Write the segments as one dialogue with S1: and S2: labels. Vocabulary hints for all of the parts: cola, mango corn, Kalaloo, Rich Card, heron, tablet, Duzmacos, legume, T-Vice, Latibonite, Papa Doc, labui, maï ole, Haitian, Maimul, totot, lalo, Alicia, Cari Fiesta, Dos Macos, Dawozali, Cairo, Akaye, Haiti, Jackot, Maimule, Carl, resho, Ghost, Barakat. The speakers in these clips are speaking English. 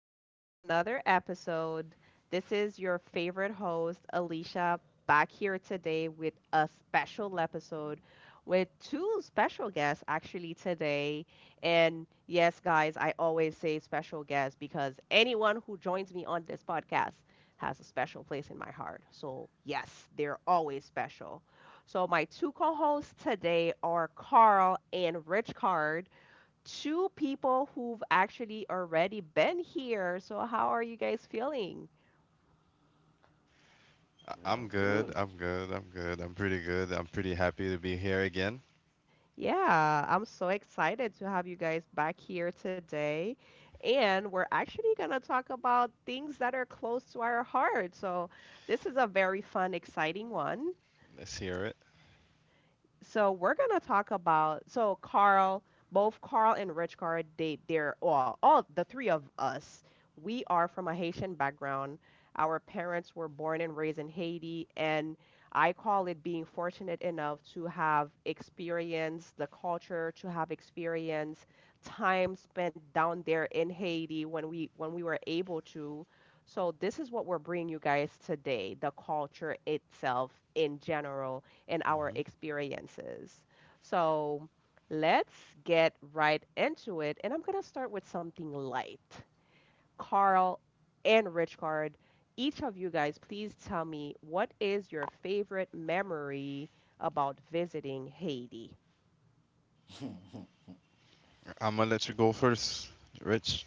S1: back to another episode. This is your favorite host, Alicia, back here today with a special episode with two special guests actually today. And yes, guys, I always say special guests because anyone who joins me on this podcast has a special place in my heart. So, yes, they're always special. So, my two co hosts today are Carl and Rich Card, two people who've actually already been here. So, how are you guys feeling?
S2: Real
S3: I'm good.
S2: good.
S3: I'm good. I'm good. I'm pretty good. I'm pretty happy to be here again.
S1: Yeah, I'm so excited to have you guys back here today. And we're actually going to talk about things that are close to our heart. So, this is a very fun, exciting one.
S3: Let's hear it.
S1: So we're gonna talk about, so Carl, both Carl and Rich Carl, they're, well, all the three of us. We are from a Haitian background. Our parents were born and raised in Haiti, and I call it being fortunate enough to have experienced the culture, to have experienced time spent down there in Haiti when we were able to. So this is what we're bringing you guys today, the culture itself in general and our
S3: Hmm.
S1: experiences. So let's get right into it. And I'm going to start with something light. Carl and Richard, each of you guys, please tell me what is your favorite memory about visiting Haiti?
S3: I'm gonna let you go first, Rich.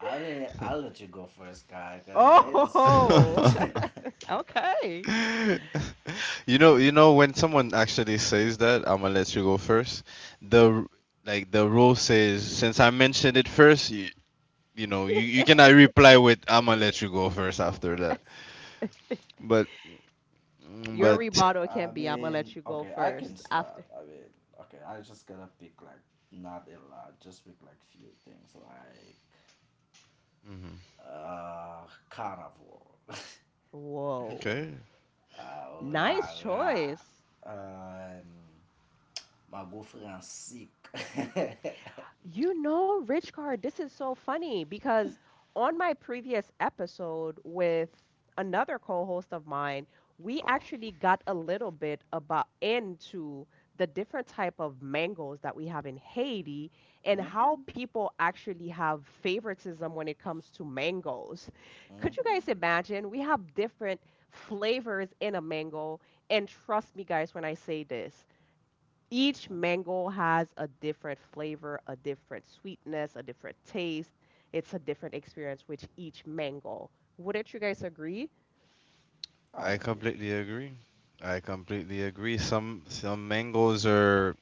S2: I mean, I'll let you go first, guy, because there's so
S1: Oh,
S2: much.
S1: okay.
S3: You know when someone actually says that, I'm gonna let you go first. The r- like the rule says, since I mentioned it first, you
S2: I,
S3: cannot reply with "I'm gonna let you go first"
S2: Go
S3: after that.
S2: first.
S3: But mm,
S1: Your
S3: but
S2: Okay,
S1: rebuttal
S2: I
S1: can be I'm gonna
S2: mean,
S1: let you go
S2: okay, I can
S1: first after.
S2: start. I mean, okay, I just gotta pick like not a lot, just pick like few things like
S3: mhm.
S2: carnival,
S1: Whoa.
S3: Okay,
S2: rah
S1: Nice
S2: rah,
S1: choice.
S2: my girlfriend sick.
S1: You know, Rich Card, this is so funny because on my previous episode with another co-host of mine, we actually got a little bit about into the different type of mangoes that we have in Haiti and how
S2: Mhm,
S1: people actually have favoritism when it comes to mangoes. Could you guys
S2: mhm.
S1: imagine? We have different flavors in a mango, and trust me guys when I say this, each mango has a different flavor, a different sweetness, a different taste. It's a different experience with each mango. Wouldn't you guys agree?
S2: I
S3: I
S2: agree.
S3: completely agree. I completely agree. Some mangoes are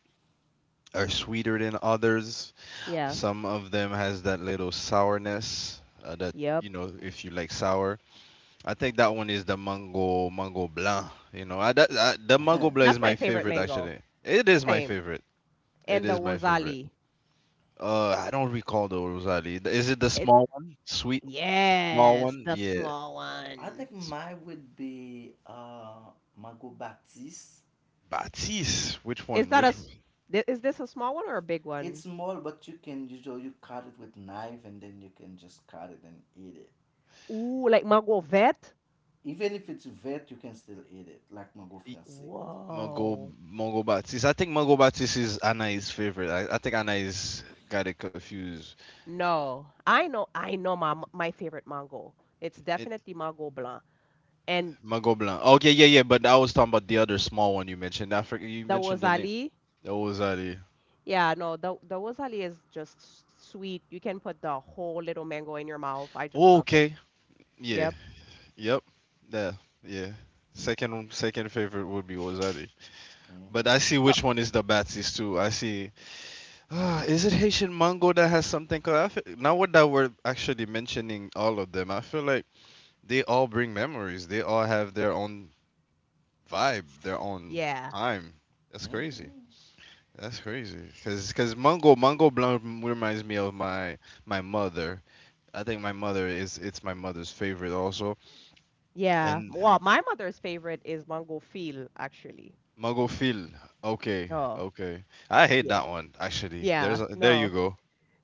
S3: are sweeter than others.
S1: Yeah.
S3: Some of them has that little sourness that
S1: Yep.
S3: if you like sour. I think that one is the mango blanc. You know, the mango blanc
S1: That's
S3: is
S1: my
S3: my
S1: favorite
S3: favorite,
S1: mango.
S3: actually. It is my
S1: Same.
S3: favorite. It
S1: And the
S3: is my favorite.
S1: Wazali.
S3: I don't recall the Rosali. Is it the
S1: It's
S3: small one? Sweet small
S1: yes,
S3: one?
S1: the
S3: Yeah.
S1: small
S2: I
S1: one.
S2: think
S3: S-
S2: mine would be mango baptiste.
S3: Batis. Which
S1: Is
S3: one?
S1: that a
S3: Which
S1: s-
S3: one?
S1: thi- is this a small one or a big
S2: It's
S1: one?
S2: small, but you can usually you cut it with knife and then you can just cut it and eat it.
S1: Ooh, like mango vet?
S2: Even if it's wet, you can still eat it, like mango
S3: E-
S2: français.
S3: Mango
S1: Whoa.
S3: Mango Batis. I think Mango Batis is Anna's favorite. I think Anna's got it confused.
S1: No. I know my favorite mango. It's definitely mango blanc. And
S3: Mango Blanc. Okay, yeah, yeah, but I was talking about the other small one you mentioned. I forget, you
S1: the
S3: mentioned the name.
S1: Dawozali.
S3: That was Ali.
S1: Yeah, no, the Dawozali is just sweet. You can put the whole little mango in your mouth. I just
S3: Oh,
S1: love it.
S3: okay. Yeah.
S1: Yep.
S3: Yep. Yeah. Yeah. Second favorite would be Ozari. But
S2: Mm-hmm.
S3: I see
S1: So,
S3: which one is the Batsies too. I see. Ah, is it Haitian mango that has something? Cause I feel, now what that we're actually mentioning all of them, I feel like they all bring memories. They all have their own vibe, their own
S1: yeah,
S3: time. That's crazy.
S2: Mm-hmm.
S3: That's crazy. Cause Mungo Blanc reminds me of my mother. I think my mother is it's my mother's favorite also.
S1: yeah.
S3: And
S1: Well, my mother's favorite is mango feel, actually.
S3: Mungo Phil. Okay,
S1: Oh,
S3: okay. I hate
S1: yeah.
S3: that one, actually.
S1: Yeah.
S3: There you
S1: No,
S3: go.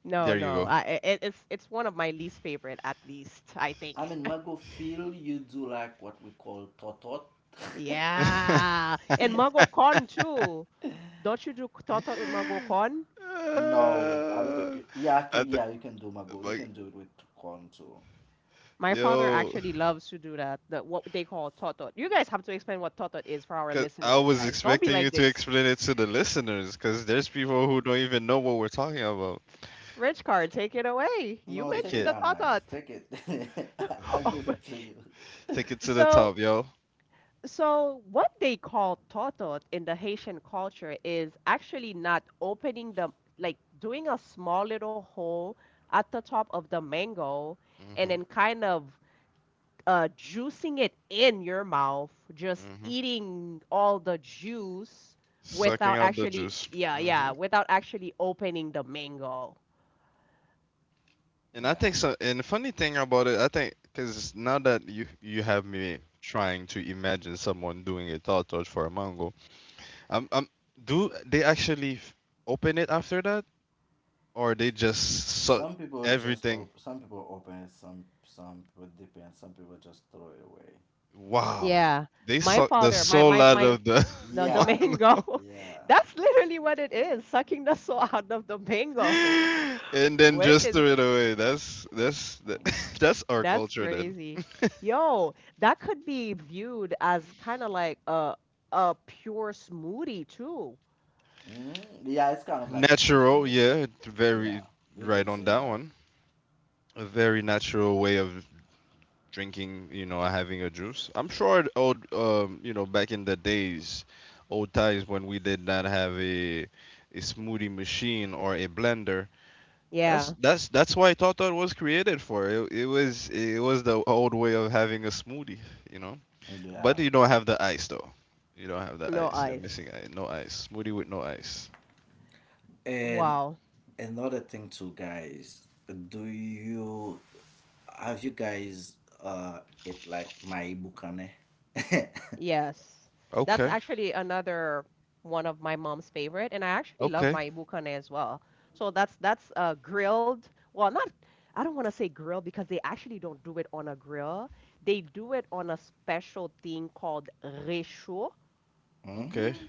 S1: no,
S3: There you
S1: no.
S3: go.
S1: I, it, it's one of my least favorite, at least, I think.
S2: I mean, mango feel you do like what we call totot.
S1: Yeah. And mango corn too. Don't you do tatar with mango corn?
S2: No, I don't think
S3: Uh,
S2: you. Yeah, I
S3: I
S2: think
S3: th-
S2: yeah, you can do mango. You
S3: like,
S2: can do it with corn too.
S1: My father
S3: yo,
S1: actually loves to do that, what they call totot. You guys have to explain what totot is for our
S3: cause I
S1: listeners,
S3: was
S1: guys. Don't be
S3: expecting you
S1: like
S3: to
S1: this.
S3: explain it to the listeners. Cause there's people who don't even know what we're talking about.
S1: Rich car, take it away. You
S2: No,
S3: Take
S2: take
S1: mentioned
S2: it
S3: it,
S1: the
S2: out, nice.
S1: totot.
S2: Take it. I'll
S1: Oh,
S2: give
S1: but-
S2: it to you.
S3: take it to the
S1: so,
S3: top, yo.
S1: so, what they call totot in the Haitian culture is actually not opening like doing a small little hole at the top of the mango and
S3: Mm-hmm.
S1: then kind of juicing it in your mouth, just
S3: Hmm.
S1: eating all the juice
S3: Sucking
S1: without
S3: out the
S1: actually,
S3: juice.
S1: yeah, yeah,
S3: Hmm.
S1: without actually opening the mango.
S3: And I
S2: Yeah.
S3: think so. And the funny thing about it, I think, because now that you have me trying to imagine someone doing a thought touch for a mango, um, um, do they actually open it after that, or they just suck everything?
S2: Some people open it, some people dip in, some people just throw it away.
S3: Wow,
S1: Yeah,
S3: they
S1: my
S3: suck the
S1: father, my
S3: soul
S1: my
S3: out
S1: my,
S3: of the
S1: the, the
S2: Yeah,
S3: mango
S1: mango.
S2: yeah,
S1: That's literally what it is, sucking the soul out of the mango,
S3: and then
S1: which
S3: just
S1: is
S3: threw it away. That's our
S1: that's
S3: culture then.
S1: crazy. Yo, that could be viewed as kind of like a pure smoothie too.
S2: yeah. It's kind of like a pure
S3: Natural,
S2: smoothie.
S3: yeah.
S2: Yeah,
S3: Very
S2: we can
S3: right on
S2: say
S3: that.
S2: that.
S3: A very natural way of drinking, having a juice. I'm sure back in the days, old times when we did not have a smoothie machine or a blender.
S1: Yeah,
S3: That's why Tata was created for. It was the old way of having a smoothie, you know.
S2: Yeah,
S3: But you don't have the ice though. You don't have the
S1: no
S3: ice. You're
S1: ice.
S3: missing ice. No ice. Smoothie with no ice.
S2: and
S1: Wow,
S2: another thing too, guys. Do you Have you guys it like my bukane?
S1: yes. That's
S3: Okay.
S1: actually another one of my mom's favorite, and I actually love
S3: Okay.
S1: my ibukane as well. So that's grilled. Well, not I don't want to say grilled because they actually don't do it on a grill. They do it on a special thing called resho.
S3: Okay.
S2: Hmm.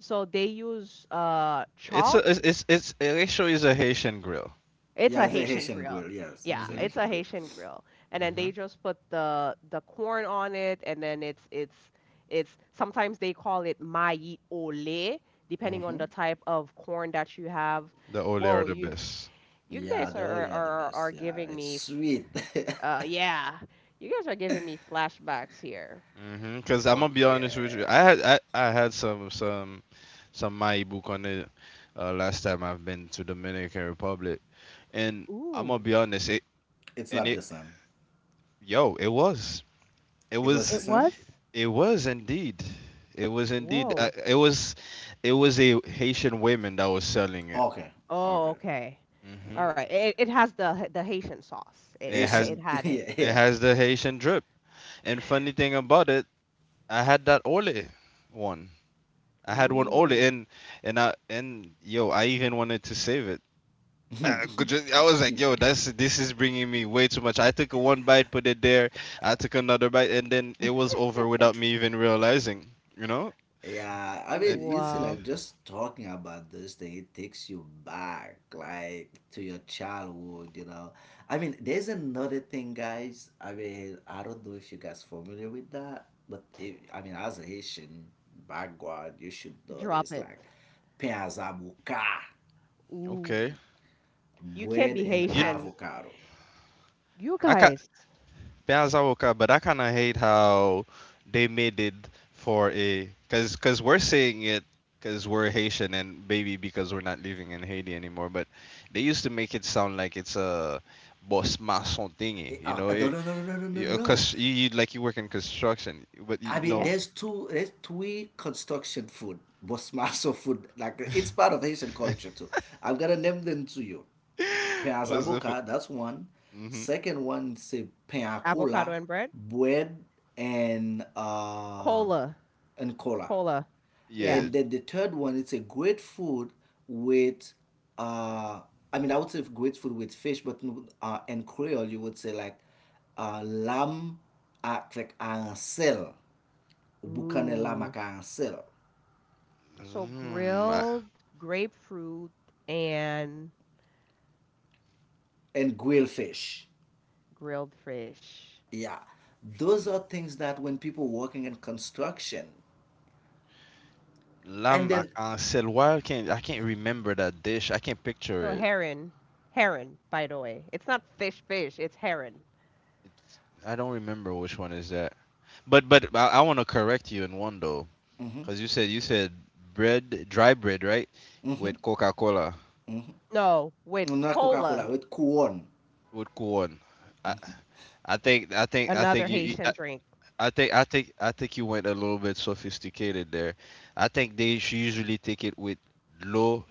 S1: So they use
S3: It's a it's
S1: chalk.
S3: it's Elisho is a Haitian grill.
S1: It's
S2: Yeah,
S1: a
S2: it's a
S1: Haitian
S2: Haitian
S1: grill.
S2: grill. Yes,
S1: Yeah,
S2: it's a
S3: Mhm.
S1: it's
S2: Haitian
S1: a
S2: grill.
S1: Haitian grill. And then they just put the corn on it and then it's sometimes they call it maï ole, depending on
S2: Hmm.
S1: the type of corn that you have.
S3: The Ole are
S1: Whoa,
S3: the
S1: you
S3: best.
S1: you guys
S2: Yeah, the
S1: are are
S2: Olio are the
S1: are, are
S2: best. Yeah,
S1: giving
S2: it's
S1: me
S2: sweet.
S1: yeah. You guys are giving me flashbacks here.
S3: Mhm. Cause I'm gonna be honest with you,
S2: Okay.
S3: I had some my book on it, last time I've been to Dominican Republic. And I'm gonna
S1: Ooh,
S3: be honest,
S2: It's
S3: and
S2: not
S3: it
S2: the same.
S3: it was it
S2: It was the
S3: was
S1: it
S2: same?
S1: was?
S3: it was indeed it was indeed
S1: Whoa.
S3: it was a Haitian woman that was selling it.
S2: Okay. Okay.
S1: Oh, okay.
S3: Mhm.
S1: All
S2: Okay.
S1: right. It has the Haitian sauce. It
S3: It
S1: it
S3: has
S2: Asian.
S1: it had it.
S2: Yeah,
S3: it
S2: yeah.
S3: has the Haitian drip. And funny thing about it, I had that Ole one. I had one older,
S1: Ooh.
S3: and I even wanted to save it. I was like, yo, that's this is bringing me way too much. I took a one bite, put it there. I took another bite, and then it was over without me even realizing. You know?
S2: Yeah. I
S3: It
S2: mean, you see, like,
S1: Wow.
S2: just talking about this thing, it takes you back, like, to your childhood. I mean, there's another thing, guys. I mean, I don't know if you guys familiar with that, but if, I mean, as a Haitian background, you should know this,
S1: Drop it.
S2: like, Penzabuka.
S3: Okay.
S1: Ooh. You can't
S2: Bread
S1: be
S2: and
S3: You,
S1: Haitian.
S2: avocado.
S1: You
S3: I can
S1: guys.
S3: Piazza Oka, but I kind of hate how they made it for a because we're saying it, because we're Haitian and maybe because we're not living in Haiti anymore, but they used to make it sound like it's a boss maçon thingy. you know,
S2: No,
S3: it,
S2: no, no, no, no, no, no.
S3: you, a
S2: No.
S3: cons- you, you like, you work in construction, but
S2: I mean,
S1: Yeah.
S2: there's two, there's three construction food, Bosmaso food. Like it's part of Haitian culture too. I'm gonna name them to you.
S3: what's the f-
S2: Peazaboka, that's one.
S3: hmm,
S2: Second one, say pain à
S1: Avocado
S2: cola,
S1: and bread?
S2: bread and uh
S1: Cola.
S2: and cola.
S1: Cola. Yeah.
S3: yeah,
S2: And then the third one, it's a great food with, uh, I mean, I would say great food with fish, but in Creole, you would say like lamb at like arancel, boucané lamb à
S1: Ooh.
S2: arancel,
S1: So
S3: mm, I,
S1: grilled grapefruit and
S2: and grilled fish.
S1: grilled fish.
S2: Yeah. Those are things that when people working in construction, and
S3: lamb à
S2: then,
S3: why I can't remember that dish, I can't picture
S1: So
S3: it.
S1: heron. Heron, by the way. It's not fish fish, it's heron.
S3: I don't remember which one is that. But I want to correct you in one though,
S2: mhm,
S3: because you said bread, dry bread, right? With Coca Cola.
S1: No, with
S2: not
S1: cola.
S2: Coca-Cola, with Kuon.
S3: With corn. I, I think I think I
S1: Another
S3: think you. you-
S1: Haitian
S3: I,
S1: drink.
S3: I think I think I think you went a little bit sophisticated there. I think they should usually take it with l'eau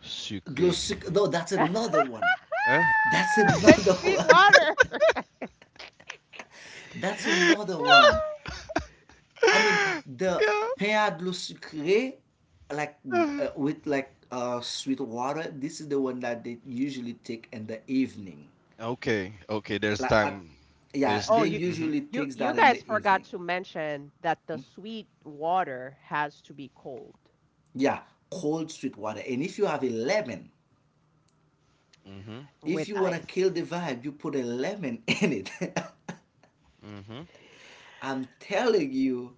S3: sucrée.
S2: No, that's
S1: With
S2: another one.
S3: Huh?
S2: That's another
S1: sweet
S2: one.
S1: water.
S2: That's another one. I mean, the
S3: Yeah.
S2: pain de Sucre, like with like sweet water, this is the one that they usually take in the evening.
S3: Okay. Okay. There's
S2: Like,
S3: time.
S2: yeah,
S3: There's.
S1: Oh,
S2: they
S1: you
S3: Mhm.
S2: usually
S1: you
S2: takes
S1: you
S2: that in
S1: guys
S2: the
S1: forgot
S2: evening.
S1: to mention that the sweet water has to be cold
S2: Yeah, cold sweet water. And if you have a lemon,
S3: Mhm.
S2: if
S1: with
S2: you want to kill
S1: ice.
S2: the vibe, you put a lemon in it.
S3: Mhm.
S2: I'm telling you.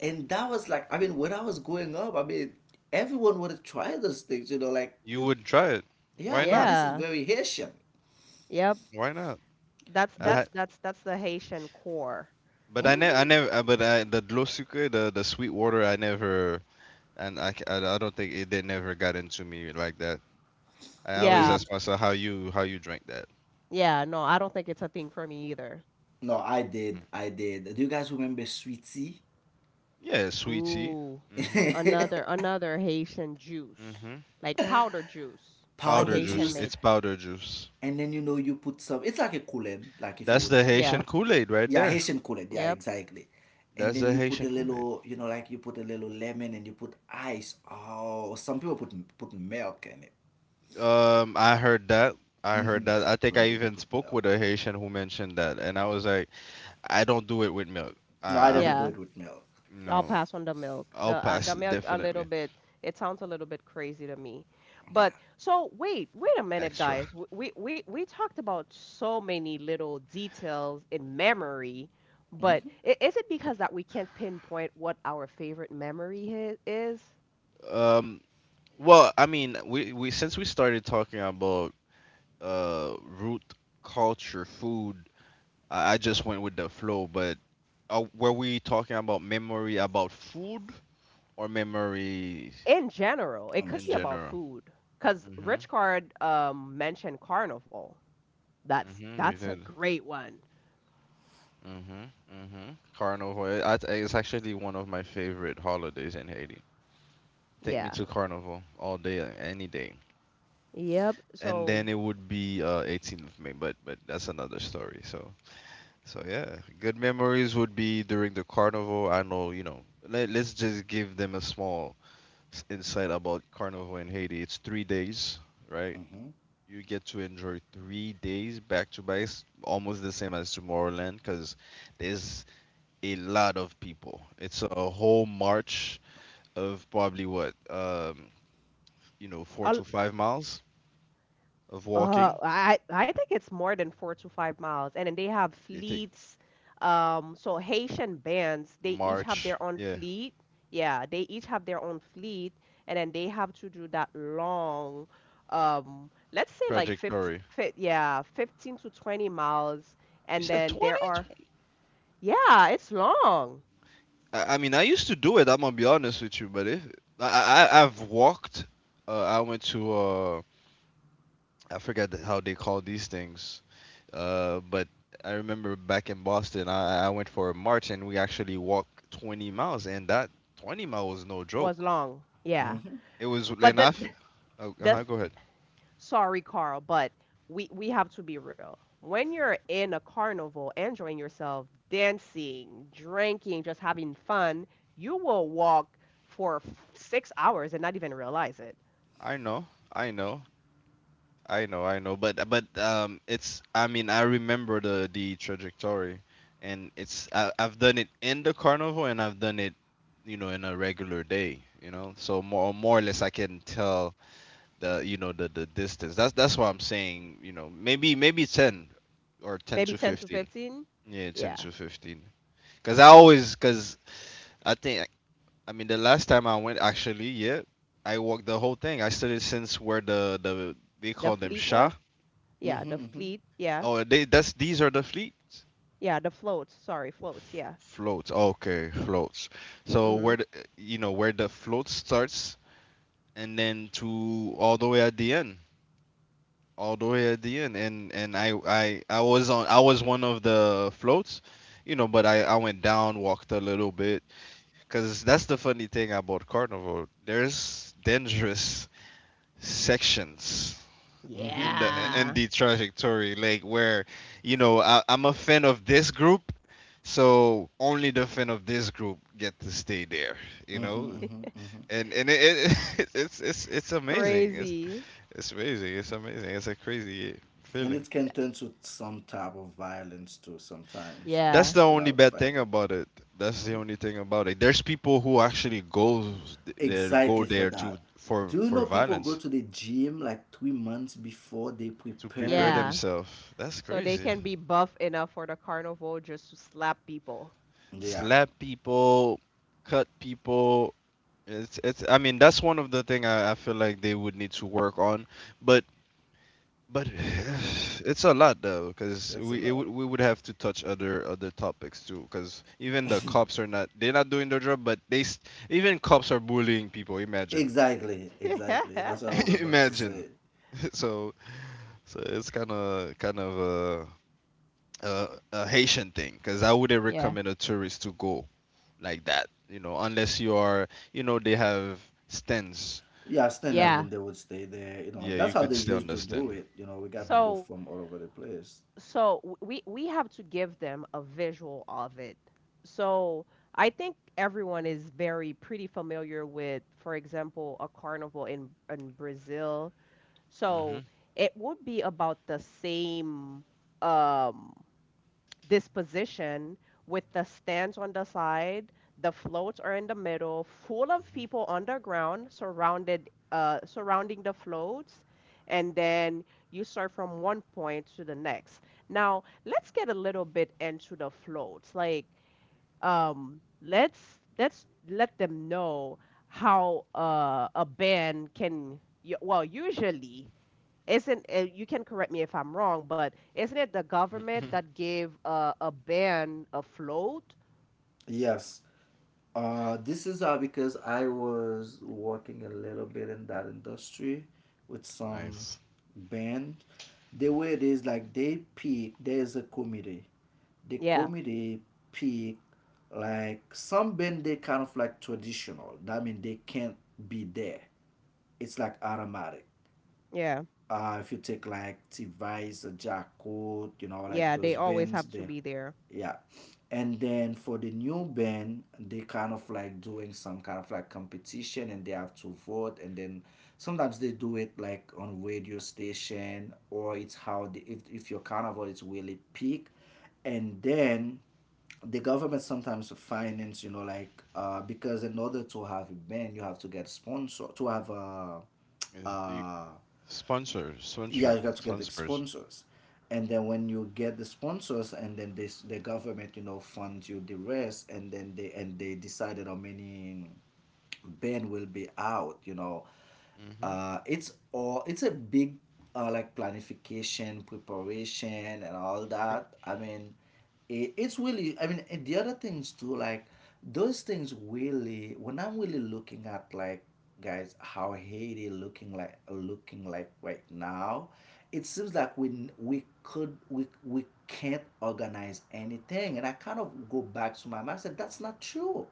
S2: And that was like, I mean, when I was growing up, I mean, everyone would try those things, you know, like,
S3: You
S2: the-
S3: would try it. Why
S2: Yeah, and
S3: not?
S2: this is
S1: Yeah.
S2: very Haitian.
S1: Yep.
S3: Why not?
S1: That's
S3: I ha
S2: But
S1: that's that's that's the Haitian core.
S3: But I never, but I the Glosuke, the sweet water, I never. And I don't think it, they never got into me like that. I
S2: do
S3: always
S2: you?
S1: Yeah.
S3: ask myself how you drink that.
S1: Yeah, no, I don't think it's a thing for me either.
S2: No, I
S3: Mhm.
S2: did. I did. Do you guys remember sweet tea?
S3: Yeah, sweet tea.
S1: Ooh.
S3: Mhm.
S1: Another another Haitian juice.
S3: Mhm.
S1: Like powder juice, but
S3: Powder
S2: Powder
S1: Haitian
S3: juice.
S2: juice,
S1: made.
S3: It's powder juice.
S2: and then you put some. It's like a Kool-Aid, like if you
S3: That's
S2: would.
S3: the
S1: Yeah.
S3: Haitian Kool Aid right
S2: Yeah,
S3: there.
S2: Haitian Kool-Aid. Yeah,
S1: Yep.
S2: exactly. And
S3: That's
S2: then
S3: the
S2: you put
S3: Haitian
S2: a
S3: Kool Aid.
S2: little, like you put a little lemon and you put ice. Oh, some people put milk in it.
S3: I heard that. I heard
S2: Hmm.
S3: that. I think
S2: Some
S3: I
S2: people
S3: even
S2: put
S3: spoke
S2: milk.
S3: with a Haitian who mentioned that, and I was like, I don't do it with milk.
S2: No, I
S3: I,
S2: never
S3: I'm,
S2: do
S1: Yeah.
S2: it with milk.
S3: you
S1: I'll
S3: know,
S1: pass on the milk. The
S3: I'll
S1: uh,
S3: pass
S1: the milk a little
S3: definitely
S1: bit. It sounds a little bit crazy to me. But
S2: Yeah.
S1: so wait, wait a minute,
S3: extra.
S1: guys. We talked about so many little details in memory, but
S2: Hmm.
S1: is it because that we can't pinpoint what our favorite memory is?
S3: Um, well, I mean, we since we started talking about root culture food, I just went with the flow. But were we talking about memory about food or memory
S1: In general, it
S2: And.
S1: could
S3: in
S1: be about
S3: general?
S1: food. Cause
S3: Mhm.
S1: Rich Card mentioned carnival. That's
S3: Mhm. You
S1: that's a
S3: did.
S1: great one.
S3: Mhm. Mhm. Carnival. It's actually one of my favorite holidays in Haiti. Take me
S1: Yeah.
S3: to Carnival all day, any day.
S1: Yep.
S3: And
S1: So.
S3: then it would be 18th of May, but that's another story. So. So yeah, good memories would be during the carnival. I know, let's just give them a small insight about carnival in Haiti. It's 3 days, right?
S2: Hmm.
S3: You get to enjoy 3 days back to back. It's almost the same as Tomorrowland, because there's a lot of people. It's a whole march of probably what, four
S1: A
S3: to five miles of walking.
S1: I think it's more than 4 to 5 miles, and then they have
S3: You take
S1: fleets. So Haitian bands, they each have
S3: march,
S1: their own
S3: yeah,
S1: fleet. Yeah, they each have their own fleet, and then they have to do that long, let's say like 50,
S3: trajectory.
S1: fi yeah, 15 to 20 miles, and
S3: You said
S1: then there are,
S3: 20?
S1: yeah, it's long,
S3: I mean, I used to do it. I'm gonna be honest with you, but if I, I I've walked, I went to, I forget how they call these things, but I remember, back in Boston, I went for a march and we actually walked 20 miles, and that 20 mile was no
S1: was
S3: joke.
S1: long,
S2: Hmm.
S1: yeah.
S2: Hmm.
S3: It was,
S1: But
S3: oh,
S1: the
S3: uh-huh, go ahead.
S1: Sorry, Carl, but we have to be real. When you're in a carnival, enjoying yourself, dancing, drinking, just having fun, you will walk for 6 hours and not even realize it.
S3: I know, I know. I know, I know, but it's I mean, I remember the trajectory. And I've done it in the carnival, and I've done it, in a regular day, so more or less I can tell the you know the distance. That's why I'm saying maybe ten or ten
S1: Maybe
S3: to
S1: 10 to
S3: fifteen.
S1: 15.
S3: Yeah, ten
S1: Yeah.
S3: to fifteen. Cause I think, I mean, the last time I went, actually, yeah, I walked the whole thing. I started since where the they
S1: The
S3: call them—
S1: fleet was? Yeah, the
S2: Hmm.
S1: fleet. Yeah.
S3: Oh, they, that's these are the fleets.
S1: Yeah, the floats. Sorry, floats. Yeah.
S3: Floats. Okay, floats. So
S1: Mm-hmm.
S3: where you know where the float starts, and then to all the way at the end, all the way at the end. And I was one of the floats, but I went down, walked a little bit, cause that's the funny thing about Carnival. There's dangerous sections
S2: Hmm.
S3: and
S1: Yeah.
S3: the trajectory like where I'm a fan of this group, so only the fan of this group get to stay there, you
S2: Hmm.
S3: know.
S2: Hmm. Hmm.
S3: And it it's it's amazing, it's
S1: Crazy.
S3: amazing it's amazing, it's a crazy
S2: And
S3: feeling.
S2: it can turn to some type of violence too sometimes, like
S3: That's
S1: Yeah.
S3: the
S2: a
S3: only
S2: lot of
S3: bad thing
S2: fighting.
S3: about it. That's the
S2: Mhm.
S3: only thing about it. There's people who actually goes
S2: Exactly for
S3: there to
S2: that.
S3: for
S2: Do you
S3: for
S2: know people go
S3: violence
S2: to the gym like 3 months before they
S3: to prepare
S2: preparing?
S1: Yeah.
S3: themselves. That's
S1: So they
S3: crazy.
S1: can be buff enough for the carnival just to slap people.
S2: Yeah,
S3: Slap people, cut people. It's I mean, that's one of the thing I feel like they would need to work on. But but it's a lot, though, because
S2: that's a
S3: we it, would-
S2: lot.
S3: we would have to touch other topics too, because even the cops are not they're not doing their job, but they s even cops are bullying people, imagine.
S2: Exactly, exactly. That's what I was about to
S3: Imagine.
S2: say.
S3: so so it's kind of a, a a Haitian thing, because I wouldn't
S1: Yeah.
S3: recommend a tourist to go like that, unless you are, they have stands
S2: Yeah,
S3: you
S2: stand
S3: know
S2: and
S1: Yeah.
S2: then they would stay there. You know,
S3: Yeah,
S2: that's
S3: you
S2: how
S3: could
S2: they
S3: still
S2: used to
S3: understand.
S2: do it. We got
S3: Mm-hmm.
S2: people
S1: So
S2: from all over the place.
S1: so we have to give them a visual of it. So I think everyone is very pretty familiar with, for example, a carnival in Brazil. So it would be about the same. Um, this position with the stands on the side, the floats are in the middle, full of
S3: Mm-hmm.
S1: people underground, surrounding the floats, and then you start from one point to the next. Now, let's get a little bit into the floats. Like, let's let them know how a band can. Well, usually isn't you can correct me if I'm wrong, but isn't it the government
S3: Hmm.
S1: that gave a ban a float?
S2: Yes, this is because I was working a little bit in that industry with some
S3: Nice.
S2: band. The way it is like they pick, there's a committee. The
S1: Yeah,
S2: committee pick like some band they kind of like traditional. That means they can't be there. It's like automatic
S1: yeah,
S2: if you take like T-Vice, Jackot, like
S1: yeah. They
S2: those
S1: always
S2: bands
S1: have to
S2: there.
S1: be there.
S2: Yeah. And then for the new band, they kind of like doing some kind of like competition, and they have to vote, and then sometimes they do it like on radio station, or it's how the, if your carnival is really peak, and then the government sometimes finance like because in order to have a band you have to get sponsor to have a
S3: Yes, you-
S2: uh
S3: Sponsor,
S2: yeah
S3: sponsor,
S2: you got to get the
S3: sponsors.
S2: sponsors. And then when you get the sponsors and then this the government funds you the rest. And then they decided how many Ben will be out. You know,
S3: Mm-hmm.
S2: it's a big like planification, preparation, and all that. I mean, it's really. I mean, and the other things too, like those things really. When I'm really looking at like guys how Haiti looking like right now, it seems like we could we can't organize anything, and I kind of go back to my mind. I said that's not true.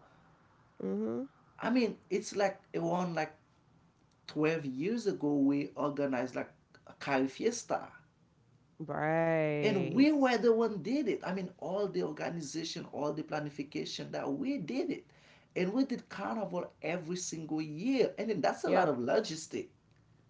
S1: Mm-hmm.
S2: I mean, it's like around like 12 years ago, we organized like a Cari Fiesta. And
S1: Right.
S2: we were the one did it. I mean, all the organization, all the planification that we did it. And we did carnival every single year. And then that's a lot
S1: Yep.
S2: of logistic.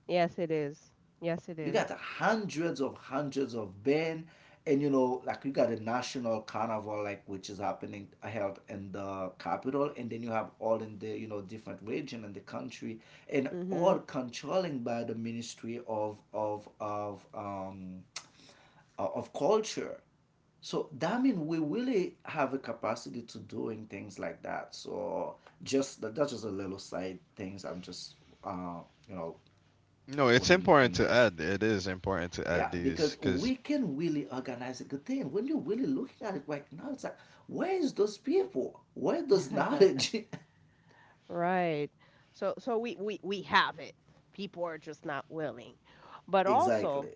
S1: Yes, it is. Yes, it
S2: You got
S1: is.
S2: hundreds of band, and like you got a national carnival, like which is happening held in the capital, and then you have all in the different region in the country, and
S1: Mm-hmm.
S2: all controlling by the Ministry of Culture. So that means we really have a capacity to doing things like that. So just that's just a little side things I'm just uh you know
S3: No, it's
S2: putting
S3: important
S2: in
S3: to
S2: this.
S3: add. It is important to add
S2: Yeah,
S3: these
S2: because
S3: because
S2: we can really organize a good thing. When you're really looking at it right now, it's like, where is those people? Where those knowledge?
S1: Right. So we have it. People are just not willing. But also,
S2: Exactly.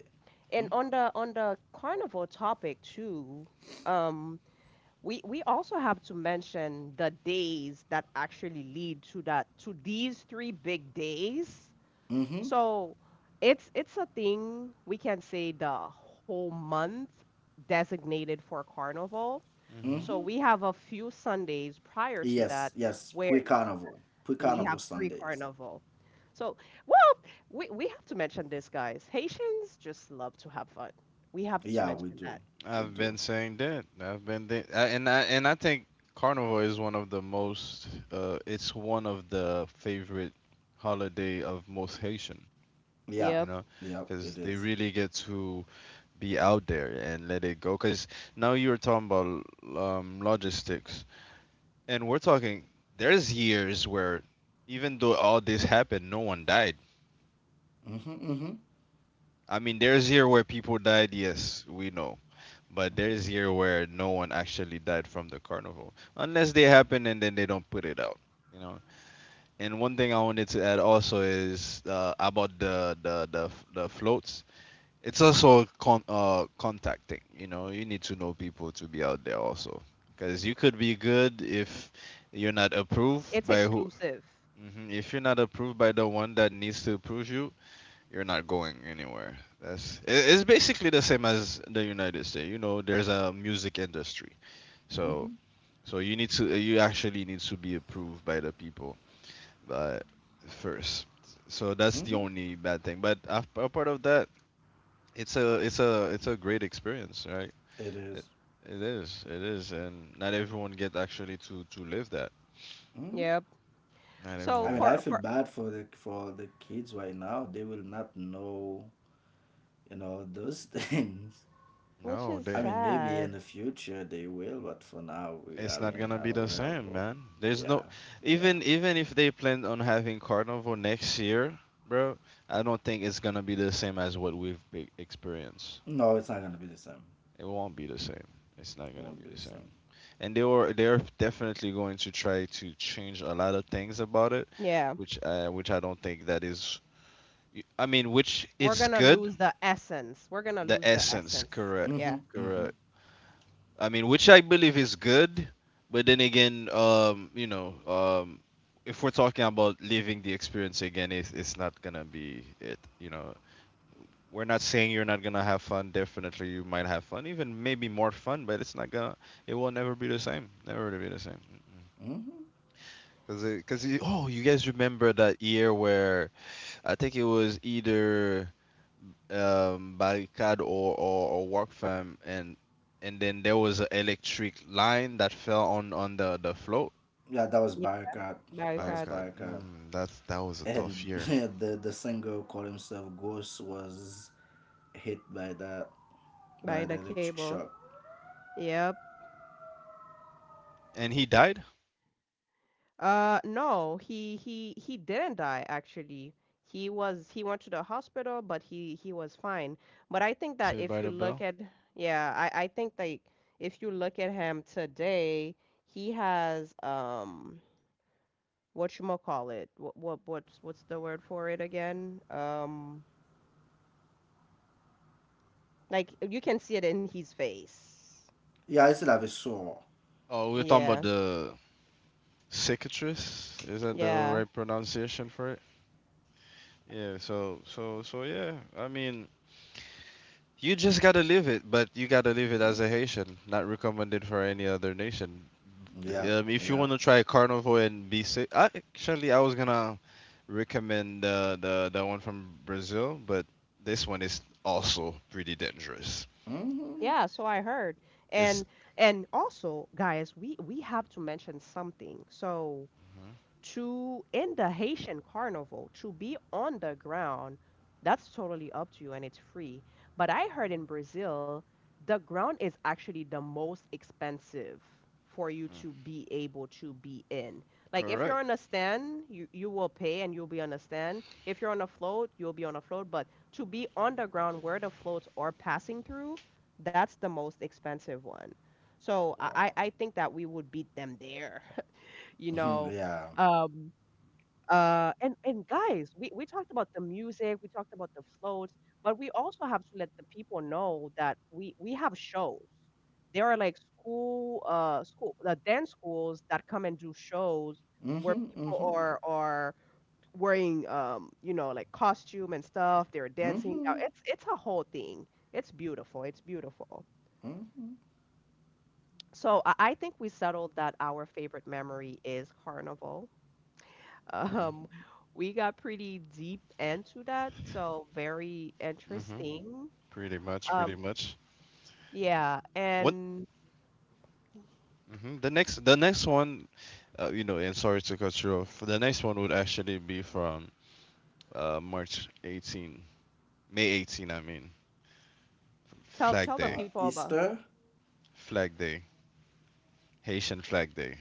S1: and on the carnival topic too, um we also have to mention the days that actually lead to that to these three big days.
S2: Mm-hmm.
S1: So it's a thing we can say the whole month designated for carnival.
S3: hmm
S1: So
S2: Mm-hmm.
S1: we have a few Sundays prior to that
S2: Yes, yes.
S1: where
S2: Pre-carnival.
S1: we
S2: Pre-carnival
S1: have free
S2: Sundays.
S1: carnival. So, well, we have to mention this, guys. Haitians just love to have fun. We have to
S2: Yeah, we
S1: mention that.
S2: do. We
S3: I've
S2: do.
S3: been saying that. I've been thi- and I think Carnival is one of the most. It's one of the favorite holiday of most Haitian.
S2: Yeah.
S3: You
S1: Yep.
S3: know,
S2: Yeah,
S3: because
S2: it
S3: they
S2: is.
S3: really get to be out there and let it go. Because now you were talking about logistics, and we're talking, there's years where even though all this happened, no one died.
S2: Mm-hmm. Mm-hmm.
S3: I mean, there's year where people died, yes, we know. But there's year where no one actually died from the carnival, unless they happen and then they don't put it out, you know. And one thing I wanted to add also is about the floats. It's also con- contacting. You know, you need to know people to be out there also, because you could be good if you're not approved
S1: It's
S3: by who.
S1: exclusive.
S3: Hmm. If you're not approved by the one that needs to approve you, you're not going anywhere. That's I- it's basically the same as the United States. You know, there's a music industry,
S2: Mm-hmm.
S3: so so you need to you actually need to be approved by the people, but first. So that's the
S2: Mm-hmm.
S3: only bad thing. But af- apart of that, it's a great experience, right?
S2: It
S3: It,
S2: is.
S3: it is, and not everyone get actually to live that.
S2: Mm-hmm.
S1: Yep.
S3: Not
S1: So
S2: I
S3: everyone
S2: mean,
S3: gets.
S2: I feel
S1: for
S2: bad for the kids right now. They will not know, those things.
S1: Which
S3: No,
S1: is
S2: I
S3: they.
S2: mean, maybe in
S1: sad.
S2: the future they will, but for now, I
S3: It's not
S2: mean,
S3: gonna
S2: I
S3: be
S2: don't
S3: the
S2: really have
S3: same,
S2: hope.
S3: man. There's
S2: Yeah,
S3: no,
S2: yeah.
S3: even if they plan on having carnival next year, bro. I don't think it's gonna be the same as what we've be- experienced.
S2: No, it's not gonna be the same.
S3: It won't be the same. It's not
S2: It
S3: gonna
S2: won't
S3: be
S2: be
S3: the
S2: the
S3: same.
S2: same.
S3: And they were they're definitely going to try to change a lot of things about it,
S1: Yeah.
S3: which I don't think that is Y- I mean, which
S1: We're
S3: is
S1: gonna
S3: good.
S1: lose the essence. We're gonna
S3: The
S1: lose the
S3: essence,
S1: essence.
S3: correct,
S1: Yeah.
S2: Mhm, mhm,
S3: correct. I mean, which I believe is good, but then again, you know, if we're talking about living the experience again, it's not gonna be it. You know, we're not saying you're not gonna have fun. Definitely, you might have fun, even maybe more fun, but it's not gonna. It will never be the same. Never really be the same. Mm-mm.
S2: mhm.
S3: Cause it, oh, you guys remember that year where I think it was either barricade or work farm, and then there was an electric line that fell on the float.
S2: Yeah, that was
S1: Yeah.
S2: Barakat.
S1: By
S2: That was
S1: God.
S3: Barricade.
S2: Barakat.
S3: That's that was a tough
S2: And
S3: year.
S2: the singer who called himself Ghost was hit by
S1: By
S2: the
S1: the
S2: electric
S1: cable.
S2: shock.
S1: Yep.
S3: And he died.
S1: No, he didn't die actually. He went to the hospital, but he was fine. But I think that
S3: Saved
S1: if
S3: by
S1: you
S3: the
S1: look
S3: bell.
S1: at yeah, I think like if you look at him today, he has what you call it? What's the word for it again? Like, you can see it in his face.
S2: Yeah, I still have a sore.
S3: Oh, we are talking about
S1: Yeah.
S3: the cicatrice, is that the
S1: Yeah.
S3: right pronunciation for it? Yeah, so yeah, I mean, you just gotta live it, but you gotta live it as
S2: Mm?
S3: a Haitian. Not recommended for any other nation.
S2: Yeah,
S3: If you
S2: yeah.
S3: want to try Carnival and be safe, I, actually, I was gonna recommend the one from Brazil, but this one is also pretty dangerous.
S2: Mhm.
S1: Yeah, so I heard.
S3: It's
S1: And and also, guys, we have to mention something. So
S3: Mhm.
S1: to in the Haitian carnival to be on the ground, that's totally up to you and it's free. But I heard in Brazil, the ground is actually the most expensive for you to be able to be in. Like if you're
S3: Correct.
S1: on a stand, you will pay and you'll be on a stand. If you're on a float, you'll be on a float. But to be on the ground where the floats are passing through, that's the most expensive one. So I, I
S2: Wow.
S1: I think that we would beat them there. You know,
S2: Yeah.
S1: um, and guys, we talked about the music, we talked about the floats, but we also have to let the people know that we have shows. There are like school school dance schools that come and do shows where
S2: Mhm,
S1: people
S2: mhm,
S1: are wearing like costume and stuff. They're dancing. Now
S2: mhm,
S1: it's a whole thing. It's beautiful, it's beautiful.
S2: mhm,
S1: So I think we settled that our favorite memory is carnival. um,
S2: mhm.
S1: we got pretty deep into that, so very
S3: Hmm.
S1: interesting.
S3: Pretty much, pretty
S1: Um,
S3: much.
S1: yeah,
S3: What?
S1: and
S3: Hmm. The next one, you know, and sorry to cut you off. The next one would actually be from March 18, May 18, I mean,
S1: tell
S3: Flag
S1: the
S3: Day,
S1: people about.
S2: Easter,
S3: Flag Day, Haitian Flag Day,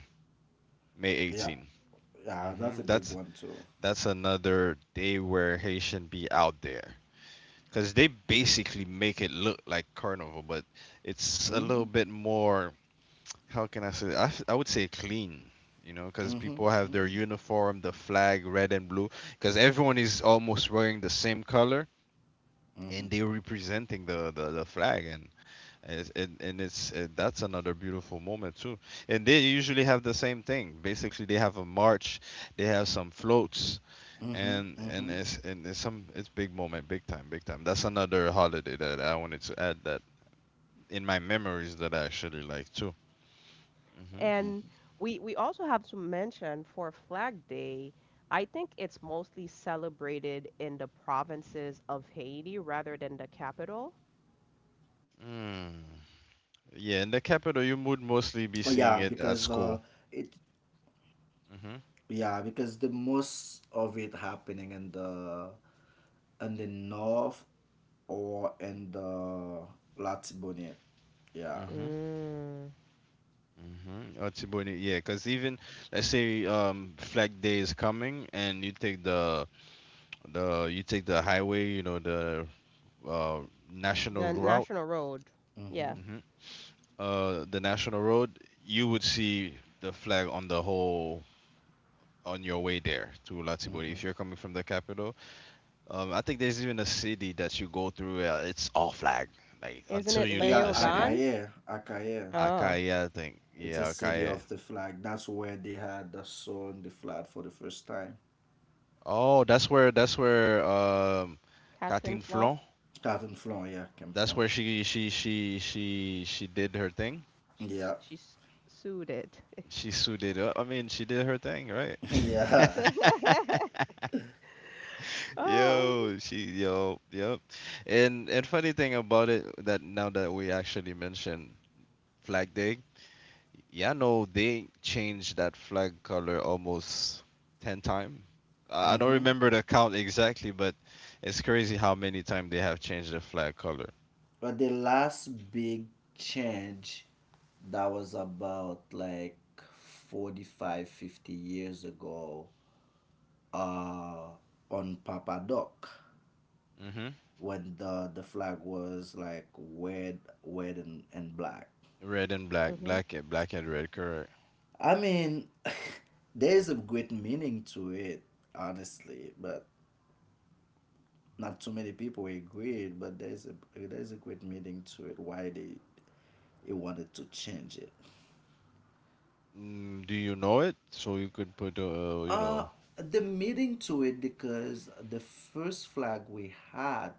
S3: May
S2: yeah,
S3: 18.
S2: yeah, that's
S3: Hmm.
S2: a big one too.
S3: That's another day where Haitian be out there. Because they basically make it look like carnival, but it's a little
S2: Mm-hmm,
S3: bit more, how can I say, I, f- I would say clean, you know, because people have their
S2: mm-hmm,
S3: uniform, the flag, red and blue, because everyone is almost wearing the same color
S2: mm-hmm,
S3: and they're representing the flag. And it's that's another beautiful moment, too. And they usually have the same thing. Basically, they have a march, they have some floats,
S2: mm-hmm,
S3: and and
S2: mm-hmm,
S3: it's and it's some it's big moment, big time, big time. That's another holiday that I wanted to add that in my memories that I actually like too. Hmm.
S1: And
S2: mm-hmm.
S1: we also have to mention, for Flag Day, I think it's mostly celebrated in the provinces of Haiti rather than the capital.
S3: Mm. Yeah, in
S2: Oh,
S3: the
S2: yeah,
S3: capital, you would
S2: because
S3: mostly be seeing it
S2: it
S3: at school. Mm-hmm.
S2: yeah, because the most of it happening in the north or in the Latibonite. Yeah.
S3: Mm-hmm.
S1: Mm,
S3: Mm-hmm. Otiboni, yeah, because even let's say Flag Day is coming, and you take the you take the highway, you know the uh national
S1: the
S3: route,
S1: national road.
S2: Mm-hmm.
S1: Yeah.
S3: hmm the national road, you would see the flag on the whole on your way there to Latibori.
S2: Mm-hmm.
S3: If you're coming from the capital, I think there's even a city that you go through. It's all flag, like
S1: Isn't
S3: until
S1: it
S3: you leave
S2: Yeah,
S3: the city.
S1: Leogane?
S2: Akaye, Akaye.
S1: Oh,
S3: Akaya, I think.
S2: It's a
S3: Yeah,
S2: city
S3: Akaya.
S2: of the flag. That's where they had the sun, the flag for the first time.
S3: Oh, that's where
S1: Catherine
S3: Katin
S1: Flaw.
S3: Flon.
S2: Starting from yeah, came
S3: That's
S2: from.
S3: where she did her thing.
S1: She's
S2: Yeah.
S1: she's sued it.
S3: She suited up. I mean, she did her thing, right?
S2: Yeah.
S1: Um,
S3: Yo, she yo yep. And funny thing about it that now that we actually mentioned Flag Day, yeah, no, they changed that flag color almost 10 times. I don't
S2: Hmm.
S3: remember the count exactly, but it's crazy how many times they have changed the flag color.
S2: But the last big change that was about like 45, 50 years ago uh, on Papa Doc
S3: Hmm.
S2: when the flag was like red, red and black.
S3: Red and black,
S1: Mhm.
S3: black and black and red, correct.
S2: I mean, there's a great meaning to it, honestly, but not too many people agreed, but there's a great meaning to it. Why they wanted to change it.
S3: Mm, do you know it? So you could put, you
S2: Uh
S3: know,
S2: the meaning to it because the first flag we had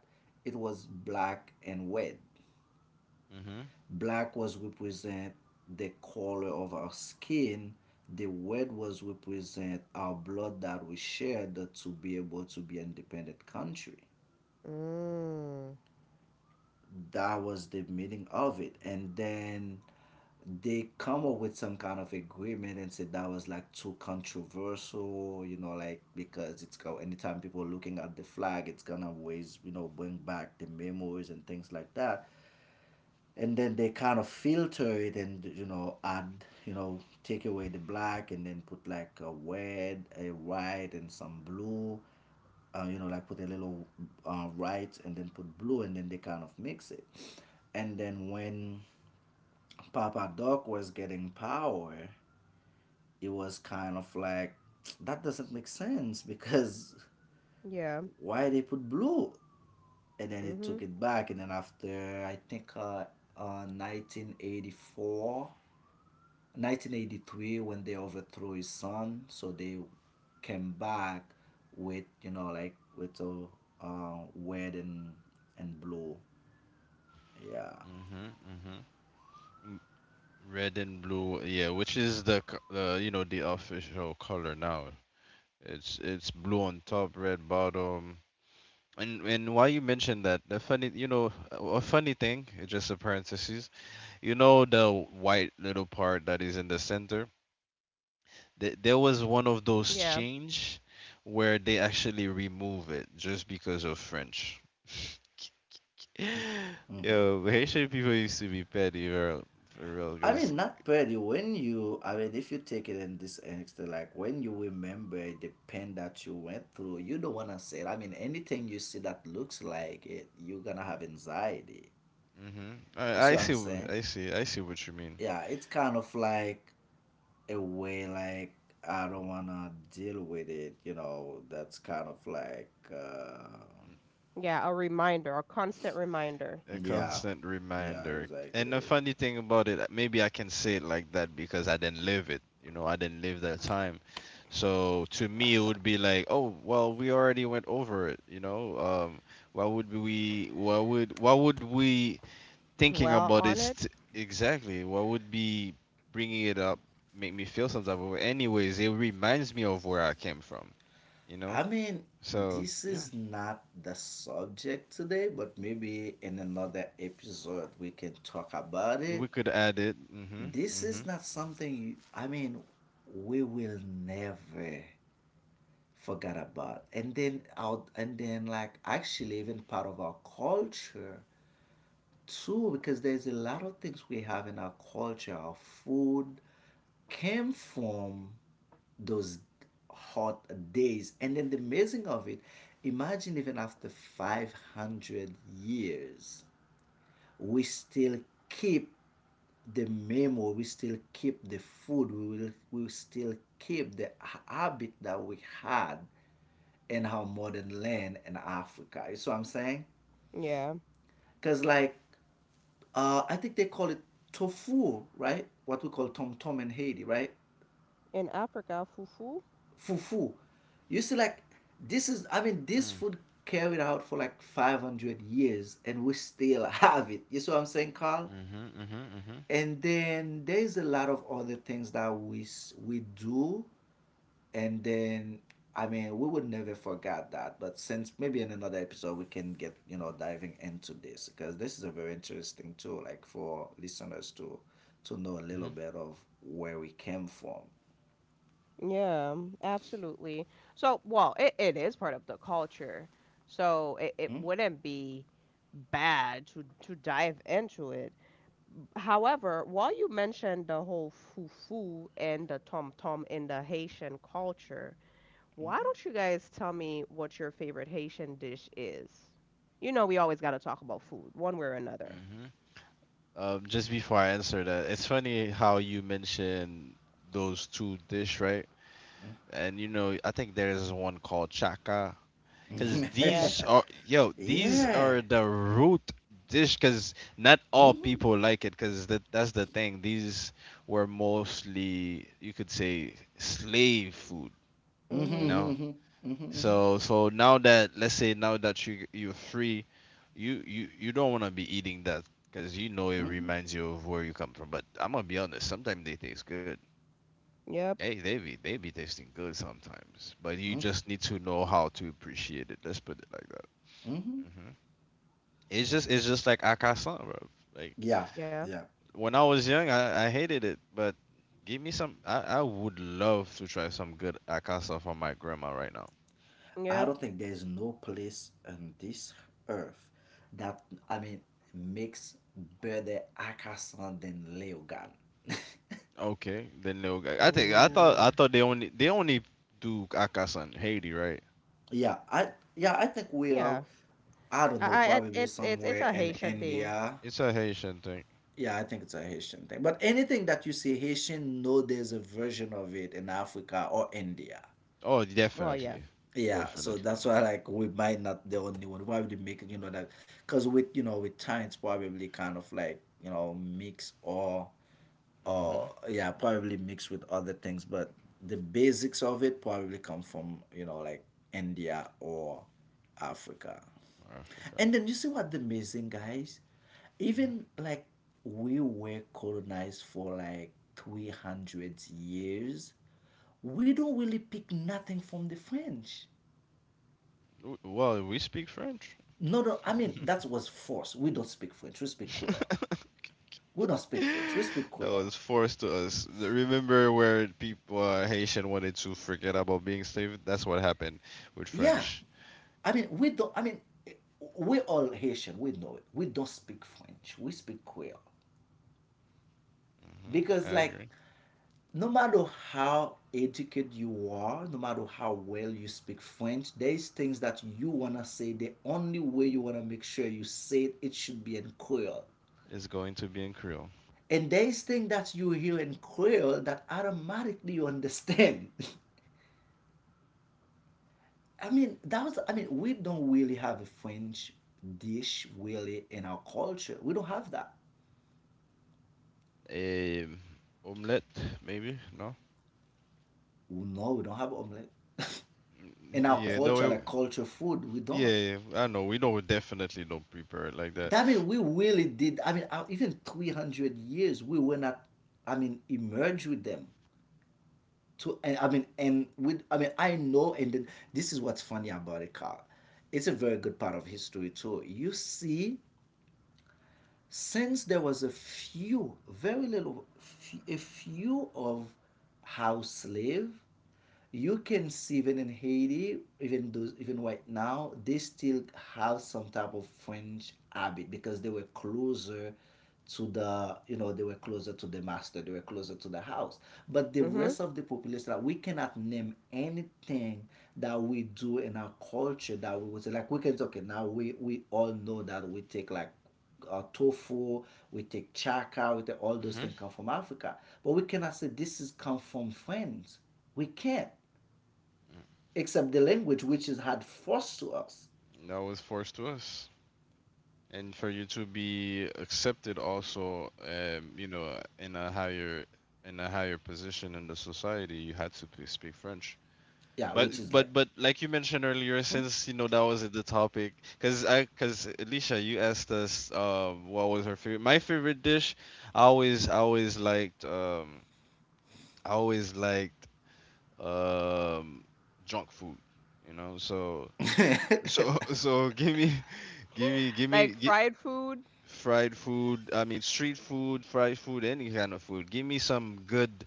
S2: it was black and red.
S3: hmm
S2: Black was represent the color of our skin. The red was represent our blood that we shared to be able to be an independent country.
S1: Mm.
S2: That was the meaning of it. And then they come up with some kind of agreement and said that was like too controversial, like, because it's go anytime people looking at the flag it's gonna always, bring back the memories and things like that. And then they kind of filter it and, add, take away the black and then put like a red, a white, and some blue. Like put a little white and then put blue, and then they kind of mix it. And then when Papa Doc was getting power, it was kind of like, that doesn't make sense, because
S1: Yeah.
S2: why they put blue? And then it
S1: Mhm.
S2: took it back. And then after, I think, 1984, 1983, when they overthrew his son. So they came back with, like, with a red and blue, yeah.
S3: hmm hmm m- red and blue. Yeah, which is the, co- you know, the official color now. It's blue on top, red bottom. And why you mentioned that the funny you know a funny thing just a parenthesis, you know the white little part that is in the center. Th- there was one of those
S1: Yeah.
S3: change where they actually remove it just because of French.
S2: hmm
S3: Yo, Haitian people used to be petty, for real.
S2: I mean,
S3: Cause
S2: not pretty when you, I mean, if you take it in this extra, like when you remember the pain that you went through, you don't want to say it. I mean, anything you see that looks like it, you're gonna have anxiety.
S3: hmm
S2: You see
S3: I
S2: what
S3: see
S2: I'm
S3: wh-
S2: saying?
S3: I see what you mean.
S2: Yeah, it's kind of like a way, like, I don't wanna deal with it. That's kind of like
S1: Yeah, a reminder, a constant reminder.
S3: A
S2: yeah,
S3: constant
S2: yeah,
S3: reminder. And the
S2: exactly.
S3: funny thing about it, maybe I can say it like that because I didn't live it. You know, I didn't live that time. So to me, it would be like, oh, well, we already went over it. You know, why would we? Why would? Why would we thinking
S1: Dwell
S3: about
S1: on
S3: it
S1: it.
S3: st- exactly? Why would be bringing it up make me feel some type of way? Anyways, it reminds me of where I came from. You
S2: I
S3: know,
S2: mean,
S3: so
S2: this
S3: yeah,
S2: is not the subject today, but maybe in another episode we can talk about
S3: we
S2: it.
S3: could add it. Mhm.
S2: This is
S3: Mhm.
S2: not something, you, I mean, we will never forget about. And then out, and then like actually even part of our culture too, because there's a lot of things we have in our culture. Our food came from those hot days. And then the amazing of it, imagine even after 500 years, we still keep the memory, we still keep the food, we will still keep the habit that we had in our modern land in Africa. You see what I'm saying?
S1: Yeah.
S2: Because, like, uh, I think they call it tofu, right? What we call tom tom in Haiti, right?
S1: In Africa, fufu.
S2: Fufu. You see, like, this is, I mean, this
S3: Mm,
S2: food carried out for like 500 years, and we still have it. You see what I'm saying, Carl?
S3: Mhm. Mhm. Mhm.
S2: And then there's a lot of other things that we do, and then, I mean, we would never forget that. But since maybe in another episode we can get, diving into this, because this is a very interesting tool, like for listeners to know a
S3: Hmm.
S2: little bit of where we came from.
S1: Yeah, absolutely. So, well, it is part of the culture. So it wouldn't be bad to dive into it. However, while you mentioned the whole fufu and the tom tom in the Haitian culture, why don't you guys tell me what your favorite Haitian dish is? You know, we always got to talk about food, one way or another.
S3: Hmm. Just before I answer that, it's funny how you mention those two dish, right? And you know, I think there is one called chaka, because
S1: Yeah.
S3: these are yo, these
S2: Yeah.
S3: are the root dish, because not all
S2: Mm-hmm.
S3: people like it, because that that's the thing. These were mostly, you could say, slave food, you
S1: Mhm.
S2: Mm-hmm.
S3: know.
S2: Mm-hmm.
S3: So so now that let's say now that you you're free, you you don't want to be eating that because you know it
S2: Mm-hmm.
S3: reminds you of where you come from. But I'm gonna be honest, sometimes they taste good.
S1: Yep.
S3: Hey, they be tasting good sometimes, but you
S2: Mm-hmm.
S3: just need to know how to appreciate it. Let's put it like that.
S2: Mm-hmm.
S3: Hmm. It's just like akasan, bro. Like
S2: Yeah.
S1: Yeah.
S2: Yeah.
S3: when I was young, I hated it, but give me some. I would love to try some good akasan from my grandma right now.
S2: I
S1: Yep.
S3: Yeah.
S2: don't think there's no place on this earth that, I mean, makes better Akasan than Leogan.
S3: Okay, then they'll. G- I think I thought I
S1: Ooh.
S3: thought they only do Akasan Haiti, right?
S2: Yeah, I, yeah, I think we are.
S1: Yeah.
S2: I don't
S1: I,
S2: know, probably
S1: it's
S2: somewhere
S1: a
S2: in
S1: Haitian thing.
S2: India.
S3: It's a Haitian thing.
S2: Yeah, I think it's a Haitian thing. But anything that you see Haitian, know there's a version of it in Africa or India.
S3: Oh,
S1: Well, yeah.
S3: definitely,
S2: Yeah, so
S3: definitely.
S2: that's why, like, we might not the only one. Why would you make it? That because with, with time, it's probably kind of like, mix
S3: Mhm.
S2: or yeah, probably mixed with other things, but the basics of it probably come from, like, India or Africa.
S3: Or Africa.
S2: And then you see what the amazing guys,
S3: Mhm.
S2: even like, we were colonized for like 300 years, we don't really pick nothing from the French.
S3: W- Well, we speak French.
S2: No, no, I mean, that was forced. We don't speak French, we speak Creole. we don't speak french we speak
S3: That
S2: creole
S3: was forced to us. The- Remember where people Haitian wanted to forget about being slave? That's what happened with
S2: Yeah,
S3: French.
S2: I mean, we don't, I mean, we all Haitian. We know it. We don't speak French. We speak Creole.
S3: Hmm.
S2: Because,
S3: I
S2: like,
S3: agree.
S2: no matter how educated you are, no matter how well you speak French, there's things that you wanna say. The only way you wanna make sure you say it, it should be in Creole.
S3: It's going to be in Creole.
S2: And there's things that you hear in Creole that automatically you understand. I mean, that was, I mean, we don't really have a French dish really in our culture. We don't have that.
S3: A omelette, maybe? No.
S2: Well, no, we don't have omelet. In our
S3: Yeah, no,
S2: culture,
S3: it,
S2: like culture food, we don't.
S3: yeah, yeah, I know. We don't definitely don't prepare it like that.
S2: That mean we really did, I mean, even 300 years, we were not, I mean, emerged with them. To and, I mean, and with, I mean, I know, this is what's funny about it, Carl. It's a very good part of history too. You see, since there was a few, very little, a few of house slave, you can see even in Haiti, even those, even right now, they still have some type of French habit because they were closer to the, you know, they were closer to the master, they were closer to the house. But the
S1: hmm
S2: rest of the population, like, we cannot name anything that we do in our culture that we would say, like, we can say, okay, now we all know that we take like tofu, we take chaka, we take all those
S3: Hmm.
S2: things come from Africa. But we cannot say this is come from friends. We can't, except the language which is had forced to us.
S3: That was forced to us. And for you to be accepted also, you know, in a higher position in the society, you had to p- speak French.
S2: Yeah,
S3: But
S2: which is like
S3: but like you mentioned earlier, since you know that was the topic, because I because Alicia, you asked us what was her favorite. My favorite dish, I always liked I always liked um junk food, you know, so so so give me give me
S1: Like
S3: gi-
S1: fried food.
S3: fried food, I mean street food, fried food, any kind of food, give me some good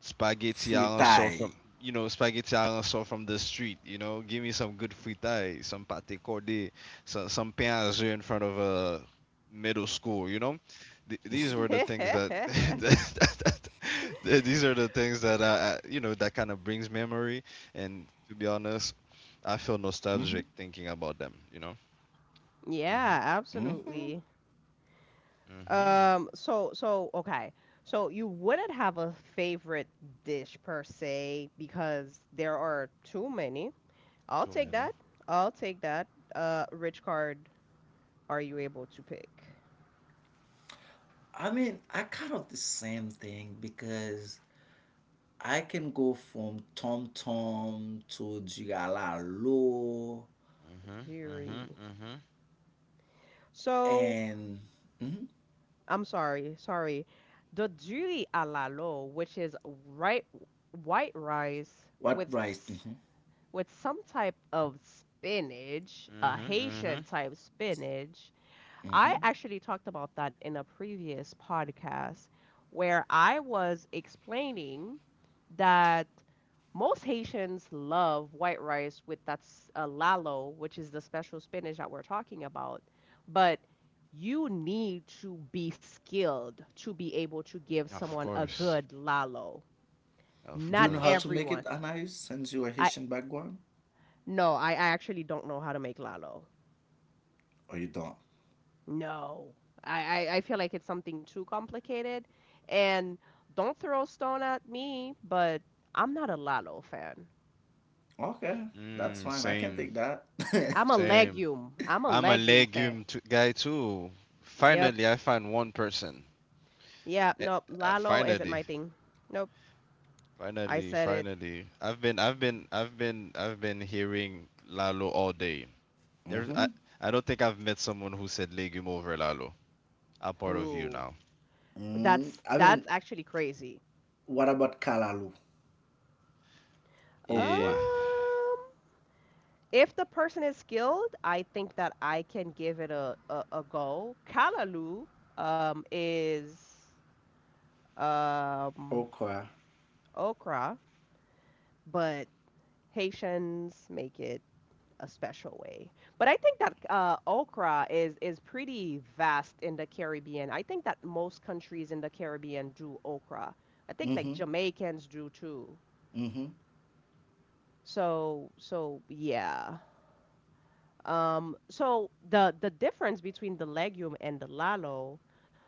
S3: spaghetti Alonso
S2: fritai.
S3: from you know spaghetti Alonso from the street. You know, give me some good fritai, some pate cordé, some pain à jeu in front of a middle school. You know, Th- these were the things that, that, th- these are the things that I you know that kind of brings memory. And to be honest, I feel nostalgic thinking about them. You know. Mhm.
S1: Yeah, absolutely.
S3: Mhm.
S1: So okay. So you wouldn't have a favorite dish per se because there are too many. I'll
S3: Too
S1: take
S3: many.
S1: that. I'll take that. Which card are you able to pick?
S2: I mean, I kind of the same thing because I can go from Tom Tom to Jigalalo
S3: Mhm. Mhm.
S1: Jury.
S3: Mhm.
S1: So,
S2: and mhm,
S1: I'm sorry, sorry. The jury à la lo, which is right, white rice
S2: what
S1: with
S2: rice? Hmm.
S1: with some type of spinach, a
S3: Mhm.
S1: Haitian
S3: Mhm.
S1: type spinach. I
S2: Hmm.
S1: actually talked about that in a previous podcast where I was explaining that most Haitians love white rice with that lalo, which is the special spinach that we're talking about. But you need to be skilled to be able to give
S3: Of
S1: someone a
S3: course.
S1: good lalo.
S3: Of
S2: Do you
S1: Not
S2: know how
S3: course.
S2: to make
S1: everyone.
S2: it, Anais, since you're a
S1: I
S2: Haitian background?
S1: No, I actually don't know how to make lalo.
S2: Or you don't?
S1: No, I feel like it's something too complicated. And don't throw a stone at me, but I'm not a Lalo fan.
S2: Okay, that's
S3: Mm,
S2: fine. I can
S3: same,
S2: take that.
S1: I'm a
S3: same.
S1: legume. I'm a
S3: I'm a
S1: legume fan.
S3: legume t- guy too.
S1: Yep.
S3: Finally, I find one person.
S1: Yeah,
S3: Eh,
S1: nope. Lalo isn't
S3: finally,
S1: my thing. Nope. I
S3: finally,
S1: said it.
S3: finally. I've been hearing Lalo all day. There's,
S2: Mm-hmm.
S3: I, I don't think I've met someone who said legume over Lalo. I'm part of you
S1: Who?
S3: now.
S2: Mm,
S1: That's
S2: I mean,
S1: actually crazy.
S2: what about kalalu?
S1: Um,
S3: Yeah.
S2: Okra.
S1: if the person is skilled, I think that I can give it a go. Kalaloo is um
S2: Okra.
S1: okra, but Haitians make it a special way. But I think that okra is pretty vast in the Caribbean. I think that most countries in the Caribbean do okra. I think like
S2: Mm-hmm.
S1: Jamaicans do too.
S2: Mm-hmm.
S1: So so yeah. So the difference between the legume and the lalo.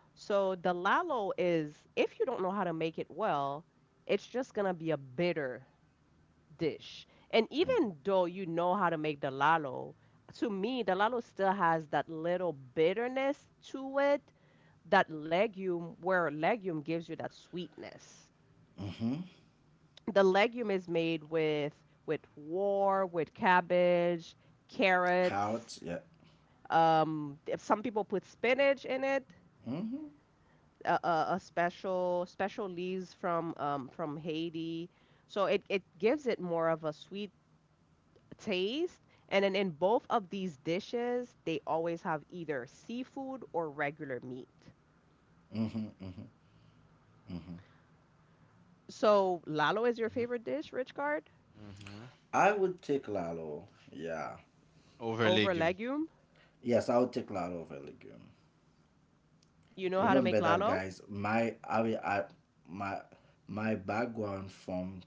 S1: So the lalo is, if you don't know how to make it well, it's just gonna be a bitter dish. And even though you know how to make the lalo, to me, the lalo still has that little bitterness to it, that legume, where legume gives you that sweetness.
S2: Mm-hmm.
S1: The legume is made with war, with cabbage, carrots.
S2: Carrots. Yeah.
S1: If some people put spinach in it,
S2: Mm-hmm.
S1: a special special leaves from Haiti. So it gives it more of a sweet taste. And then in both of these dishes, they always have either seafood or regular meat. So, lalo is your
S3: Hmm.
S1: favorite dish, Richcard?
S3: Hmm.
S2: I would take lalo. Yeah.
S3: Over
S1: Over
S3: legume.
S1: legume?
S2: Yes, I would take lalo over legume.
S1: You know how to
S3: Okay.
S1: make
S2: Remember that,
S1: lalo?
S2: guys. My I, will- I My my background from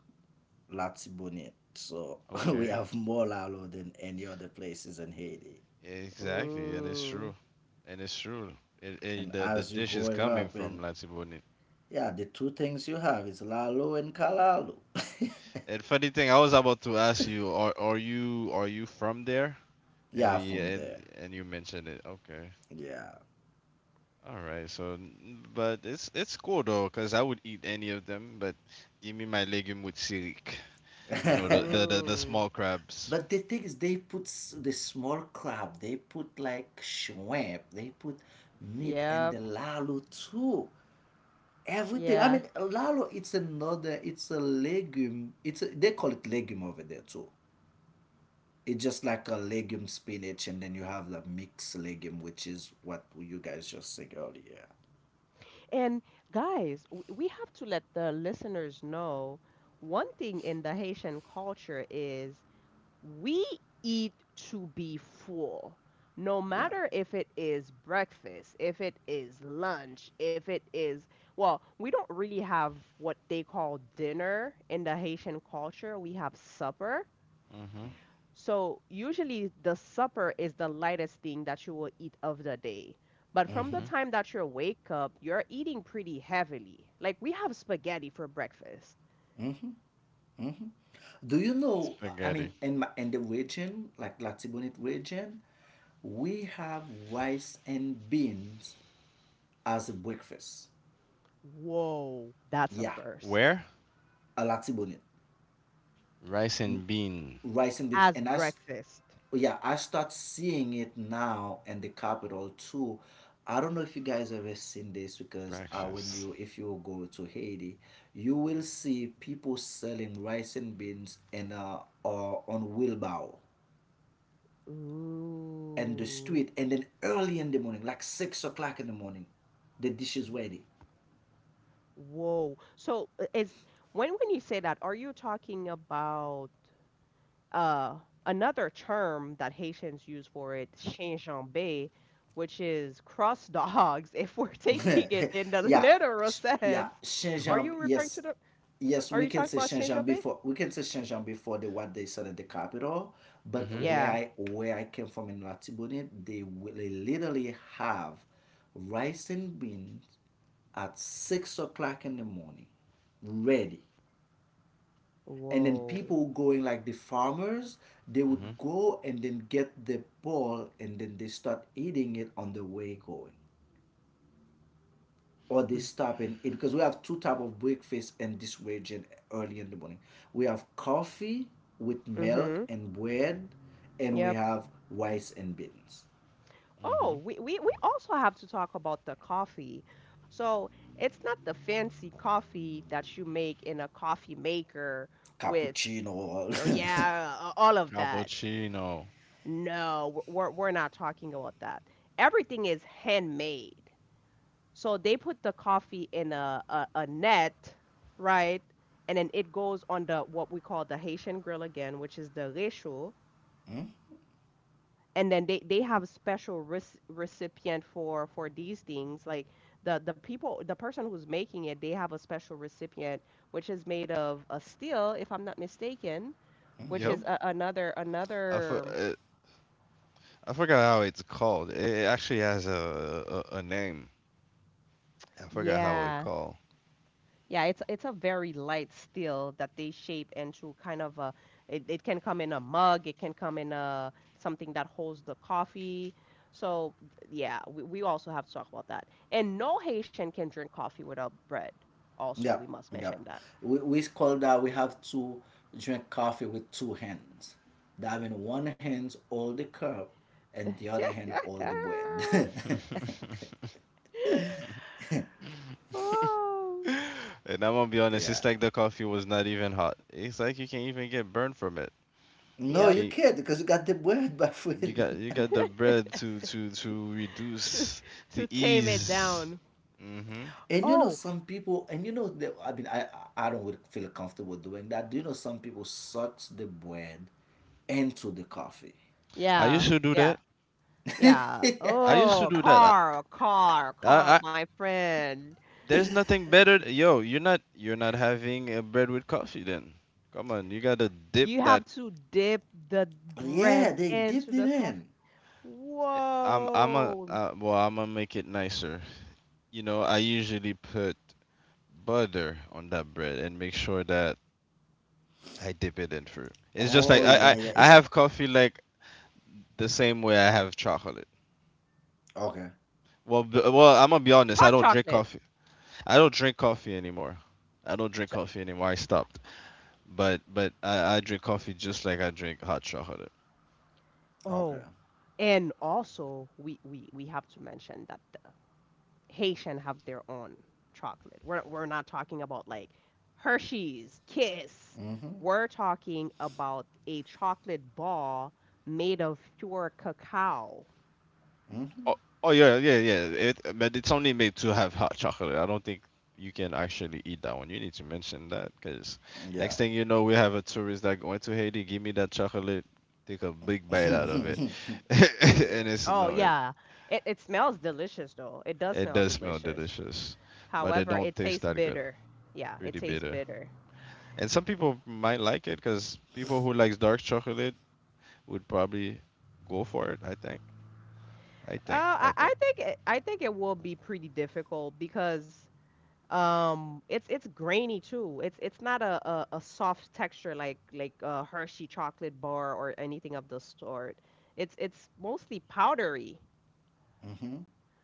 S2: Latibonite, so we
S3: Okay.
S2: have more lalo than any other places in Haiti.
S3: Exactly, and it's
S1: Ooh,
S3: true, and it's true. It,
S2: And
S3: the
S2: as you're
S3: dish is
S2: growing
S3: coming
S2: up
S3: from
S2: and
S3: Latibonite.
S2: yeah, the two things you have is Lalo and Kalalo.
S3: And funny thing, I was about to ask you, are you from there?
S2: Yeah,
S3: And yeah,
S2: from there.
S3: and you mentioned it. Okay.
S2: Yeah.
S3: All right. So, but it's cool though, 'cause I would eat any of them, but give me my legume with sirik. You know, the
S1: ooh.
S3: small crabs.
S2: But the thing is, they put s- the small crab, they put like shrimp, they put meat and
S1: Yep,
S2: the lalo too. Everything. I
S1: yeah.
S2: mean, lalo, it's another, it's a legume. It's a, they call it legume over there too. It's just like a legume spinach, and then you have the mixed legume, which is what you guys just said earlier.
S1: And guys, we have to let the listeners know one thing in the Haitian culture is, we eat to be full, no
S2: Yeah.
S1: matter if it is breakfast, if it is lunch, if it is, well, we don't really have what they call dinner in the Haitian culture. We have supper.
S3: Mhm.
S1: So usually the supper is the lightest thing that you will eat of the day. But from the
S3: Mhm.
S1: time that you wake up, you're eating pretty heavily. Like we have spaghetti for breakfast.
S2: Do you know? I
S3: Spaghetti.
S2: mean, in my, in the region, like Latibonite region, we have rice and beans as a breakfast.
S1: Whoa, that's a
S2: Yeah,
S1: first.
S3: Where?
S2: a Latibonite.
S3: Rice
S2: N-
S3: and bean
S2: Rice and beans,
S1: As
S2: and
S1: breakfast.
S2: yeah, I start seeing it now in the capital too. I don't know if you guys ever seen this because when
S3: breakfast.
S2: you, if you go to Haiti, you will see people selling rice and beans and or on wheelbarrow and the
S1: Ooh,
S2: street. And then early in the morning, like 6 o'clock in the morning, the dish is ready.
S1: whoa. So is, when you say that, are you talking about uh another term that Haitians use for it, chien, which is cross dogs, if we're taking it in the
S2: yeah
S1: literal sense.
S2: yeah,
S3: Mhm.
S1: Are you
S2: Xinjiang,
S1: referring to
S2: yes,
S1: the,
S2: yes,
S1: are
S2: we
S1: you
S2: can
S1: talking
S2: say
S1: about chien?
S2: Xinjiang before, we can say Xinjiang before the what they said at the capital. But
S3: Mhm.
S1: Yeah.
S2: where I came from in Latibonite, they literally have rice and beans at 6 o'clock in the morning, ready. And then
S1: Whoa.
S2: people going, like the farmers, they would
S3: Mhm.
S2: go and then get the ball and then they start eating it on the way going, or they stop and eat, because we have two type of breakfast in this region. Early in the morning we have coffee with milk
S1: Mm-hmm.
S2: and bread, and we
S1: Yep.
S2: have rice and beans.
S3: Mhm.
S1: Oh, we, we also have to talk about the coffee. So it's not the fancy coffee that you make in a coffee maker with,
S2: Cappuccino.
S1: oh yeah, a- all of that.
S3: Cappuccino.
S1: No, we're not talking about that. Everything is handmade. So they put the coffee in a net, right? And then it goes on the what we call the Haitian grill again, which is the réchaud. And then they have a special recipient for these things. Like the people the person who's making it, they have a special recipient which is made of a steel, if I'm not mistaken, which
S3: Yep.
S1: is a, another
S3: I f-
S1: another
S3: uh, I forgot how it's called. It actually has a name. I forgot how it
S1: yeah.
S3: called.
S1: Yeah, it's a very light steel that they shape into kind of a, it can come in a mug, it can come in a something that holds the coffee. So yeah, we also have to talk about that. And no Haitian can drink coffee without bread. Also,
S2: Yeah,
S1: we must
S2: yeah,
S1: mention that.
S2: we call that, we have to drink coffee with two hands. That means one hand hold the cup and the other hand hold the bread.
S1: Oh.
S3: And I'm gonna be honest, it's
S2: Yeah.
S3: like the coffee was not even hot. It's like you can't even get burned from it.
S2: No,
S3: You
S1: Yep.
S2: you
S3: can't.
S2: can't, because you got the bread, my
S3: You got
S2: friend.
S3: you got the bread to
S1: To
S3: reduce
S1: to
S3: the
S1: tame it
S3: ease.
S1: down.
S3: Hmm.
S2: And
S1: Oh,
S2: some people, and you know that, I mean, I don't really feel comfortable doing that. Do you know some people sucks the bread into the coffee?
S3: I
S1: yeah,
S3: used to do
S1: yeah,
S3: that.
S1: yeah.
S3: I used to
S1: Oh,
S3: do that.
S1: car, car, car,
S3: I
S1: my friend.
S3: there's nothing
S1: W-
S3: better. Yo, you're not having a bread with coffee then. Come on, you gotta dip
S1: You have
S3: that.
S1: to dip the
S2: Yeah,
S1: bread
S2: they
S1: into
S2: dipped it
S1: the coffee.
S2: in.
S3: I'm a
S1: Whoa.
S3: well, I'm gonna make it nicer. You know, I usually put butter on that bread and make sure that I dip it in fruit. It's just like
S2: Oh
S3: I
S2: yeah,
S3: I,
S2: yeah.
S3: I have coffee like the same way I have chocolate.
S2: Okay,
S3: Well, I'm gonna be honest. I
S1: Hot
S3: don't drink
S1: chocolate.
S3: coffee. I don't drink coffee anymore. I don't drink
S1: So,
S3: coffee anymore. I stopped. But I drink coffee just like I drink hot chocolate.
S2: okay.
S1: oh, and also we have to mention that the Haitian have their own chocolate. We're not talking about like Hershey's, Kiss.
S2: Mm-hmm.
S1: We're talking about a chocolate ball made of pure cacao.
S2: Hmm.
S3: Oh, oh, yeah, yeah, yeah. But it's only made to have hot chocolate. I don't think you can actually eat that one. You need to mention that because next
S2: Yeah.
S3: thing you know, we have a tourist that going to Haiti. Give me that chocolate. Take a big bite out of it,
S2: Yeah.
S3: and it's
S1: Oh
S3: no, it
S1: yeah. It smells delicious though. It does
S3: it
S1: smell
S3: does smell
S1: delicious.
S3: delicious, but it
S1: However, it
S3: don't
S1: tastes
S3: taste that good.
S1: bitter. Yeah, it
S3: Pretty
S1: tastes
S3: bitter.
S1: bitter.
S3: And some people might like it because people who likes dark chocolate would probably go for it. I think. I think. I think.
S1: I think I think it will be pretty difficult because it's grainy too. It's not a soft texture like a Hershey chocolate bar or anything of the sort. It's mostly powdery.
S2: Hmm.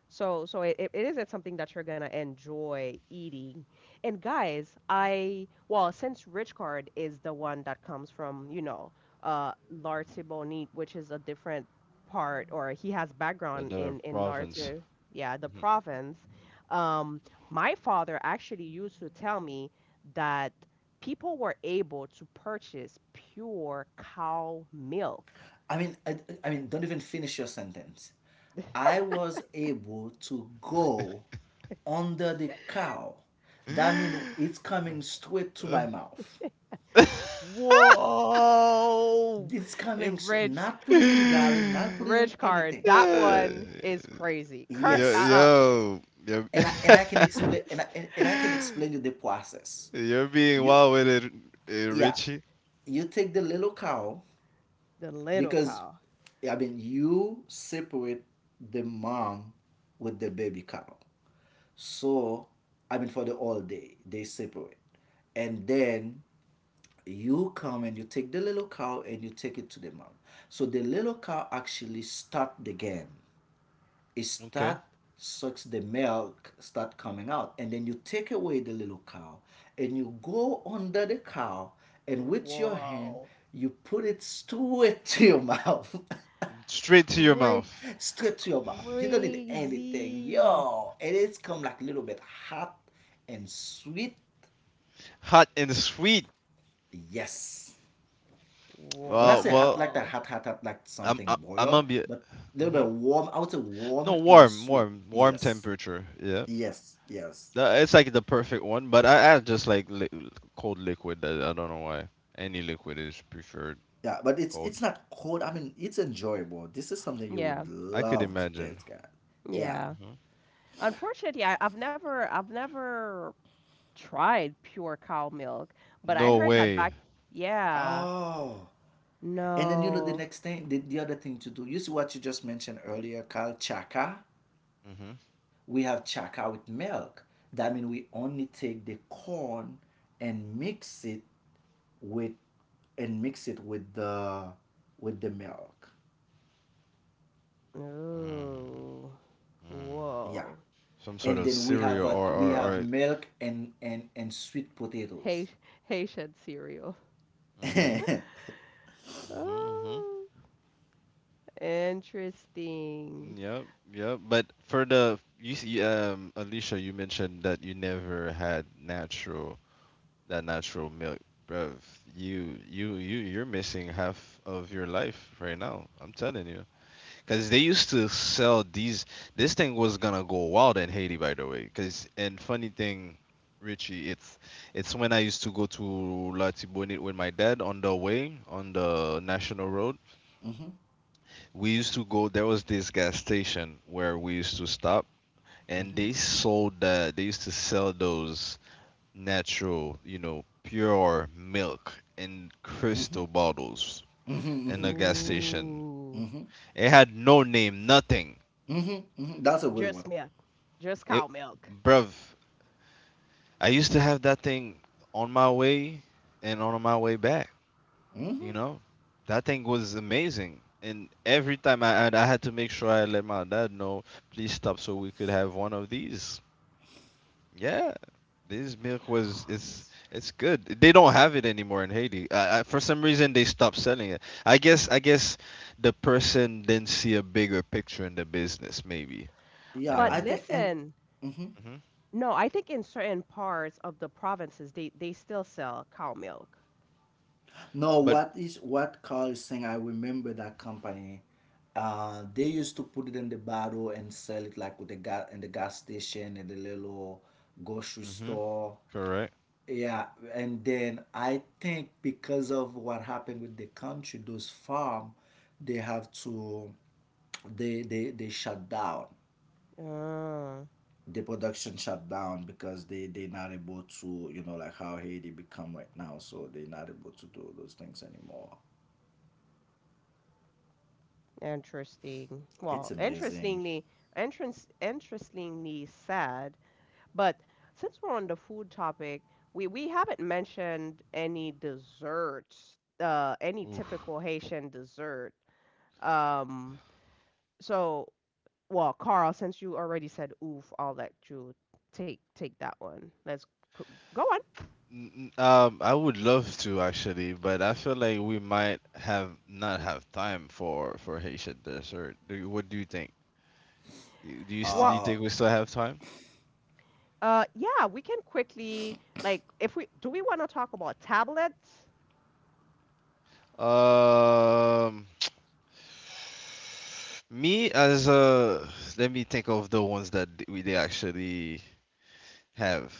S1: So, so it, it is, it's something that you're gonna enjoy eating. And guys, I well, since Rich Card is the one that comes from, you know, Larte Bonite, which is a different part, or he has background
S3: The
S1: in
S3: province.
S1: Larte, yeah, the province. My father actually used to tell me that people were able to purchase pure cow milk.
S2: I mean, don't even finish your sentence. I was able to go under the cow. That means
S3: Mhm.
S2: it's coming straight to
S3: Uh,
S2: my mouth.
S3: yo,
S1: Whoa!
S2: It's coming, s-
S1: Rich,
S2: not put it in garlic, not put it in
S1: Rich card.
S2: anything.
S3: yo,
S1: That one is crazy.
S2: Yes.
S3: yo. You're
S2: And I can explain, and I can explain you the process.
S3: you're being
S2: You
S3: wild with it, eh,
S2: Yeah,
S3: Richie.
S2: you take the little cow,
S1: The little
S2: because,
S1: cow.
S2: I mean, you separate the mom with the baby cow. So, I mean, for the all day they separate, and then you come and you take the little cow and you take it to the mom. So the little cow actually start the game. It
S3: Okay,
S2: start sucks the milk start coming out, and then you take away the little cow and you go under the cow, and with your hand,
S1: Whoa.
S2: you put it straight to your mouth.
S3: straight to your
S1: Cra-
S3: mouth,
S2: Straight to your mouth. You don't need anything.
S1: Crazy.
S2: Yo, it is come like a little bit hot and sweet.
S3: hot and sweet.
S2: Yes. When I
S3: Well,
S2: say hot
S3: well,
S2: like that,
S1: Whoa.
S2: hot, hot, hot, like
S3: I'm,
S2: something
S3: I- I'm
S2: boil,
S3: gonna be.
S2: but a little
S3: Hmm.
S2: bit warm. I would say
S3: No,
S2: warm and
S3: warm,
S2: sweet.
S3: warm, warm
S2: Yes.
S3: temperature. Yeah,
S2: Yes. Yes.
S3: It's like the perfect one. But I just like cold liquid. I don't know why. Any liquid is preferred
S2: Yeah, but
S3: cold.
S2: it's not cold. I mean, it's enjoyable. This is something you
S1: Yeah.
S2: would
S3: I could
S2: love to
S3: imagine.
S2: taste, guys. Yeah.
S1: Yeah.
S3: Mhm.
S1: Unfortunately, I've never tried pure cow milk, but I
S3: No
S1: heard that
S3: way.
S1: back yeah.
S2: Oh. And then you know the
S1: No.
S2: next thing, the other thing to do. You see what you just mentioned earlier, Carl. Chaka,
S3: Mm-hmm.
S2: we have chaka with milk. That means we only take the corn and mix it with, and mix it with the milk.
S3: Mm.
S1: Ooh.
S2: Yeah.
S1: Whoa.
S3: Some sort
S2: And
S3: of
S2: then we have
S3: cereal,
S2: a, we have
S3: or
S2: milk and sweet potatoes.
S1: Haitian, Haitian cereal.
S3: Mm-hmm. Mm-hmm. Mm-hmm.
S1: Oh. Interesting.
S3: Yep, yep. But for the you see, Alicia, you mentioned that you never had natural that natural milk, bruv. You're missing half of your life right now. I'm telling you. Cause they used to sell these. This thing was gonna go wild in Haiti, by the way. Cause And funny thing, Richie, it's when I used to go to La Tibonite with my dad on the way on the national road.
S2: Mhm,
S3: We used to go. There was this gas station where we used to stop, and
S2: mhm,
S3: they sold that. They used to sell those natural, pure milk in crystal bottles
S2: mhm, mhm,
S3: in the
S2: mhm,
S3: gas station.
S1: Ooh,
S3: It had no name, nothing.
S2: mhm. Mhm. That's a good one.
S1: just milk, just cow
S3: It,
S1: milk.
S3: bruv, I used to have that thing on my way and on my way back. You
S2: Hmm.
S3: know, that thing was amazing. And every time I had to make sure I let my dad know, please stop, so we could have one of these. Yeah, this milk was
S1: S-
S3: it's good. They don't have it anymore in Haiti. For some reason, they stopped selling it. I guess the person didn't see a bigger picture in the business, maybe. You
S2: Yeah,
S1: But
S3: know.
S2: I think, and
S1: listen,
S2: mhm.
S3: Hmm.
S1: no, I think in certain parts of the provinces they still sell cow milk.
S2: No,
S3: But
S2: what is what Carl is saying? I remember that company. They used to put it in the bottle and sell it like with the gas in the gas station and the little grocery
S3: hmm
S2: store.
S3: correct.
S2: Yeah, and then I think because of what happened with the country, those farm, they have to, they they shut down.
S1: Ah,
S2: The production shut down because they not able to, like how Haiti become right now, so they not able to do those things anymore.
S1: interesting.
S2: It's
S1: Well,
S2: amazing.
S1: interestingly, entrance interestingly sad. But since we're on the food topic, we haven't mentioned any desserts, any typical
S3: Oof.
S1: Haitian dessert. Um, so, well, Carl, since you already said oof, I'll let you take that one. Let's co- go on.
S3: I would love to actually, but I feel like we might have not have time for Haitian dessert. What do you think? Do you still do
S1: Well,
S3: you
S2: Uh,
S3: think we still have time?
S1: yeah, we can quickly, like, if we do we want to talk about tablets?
S3: Um, me as a Let me think of the ones that th- we they actually have.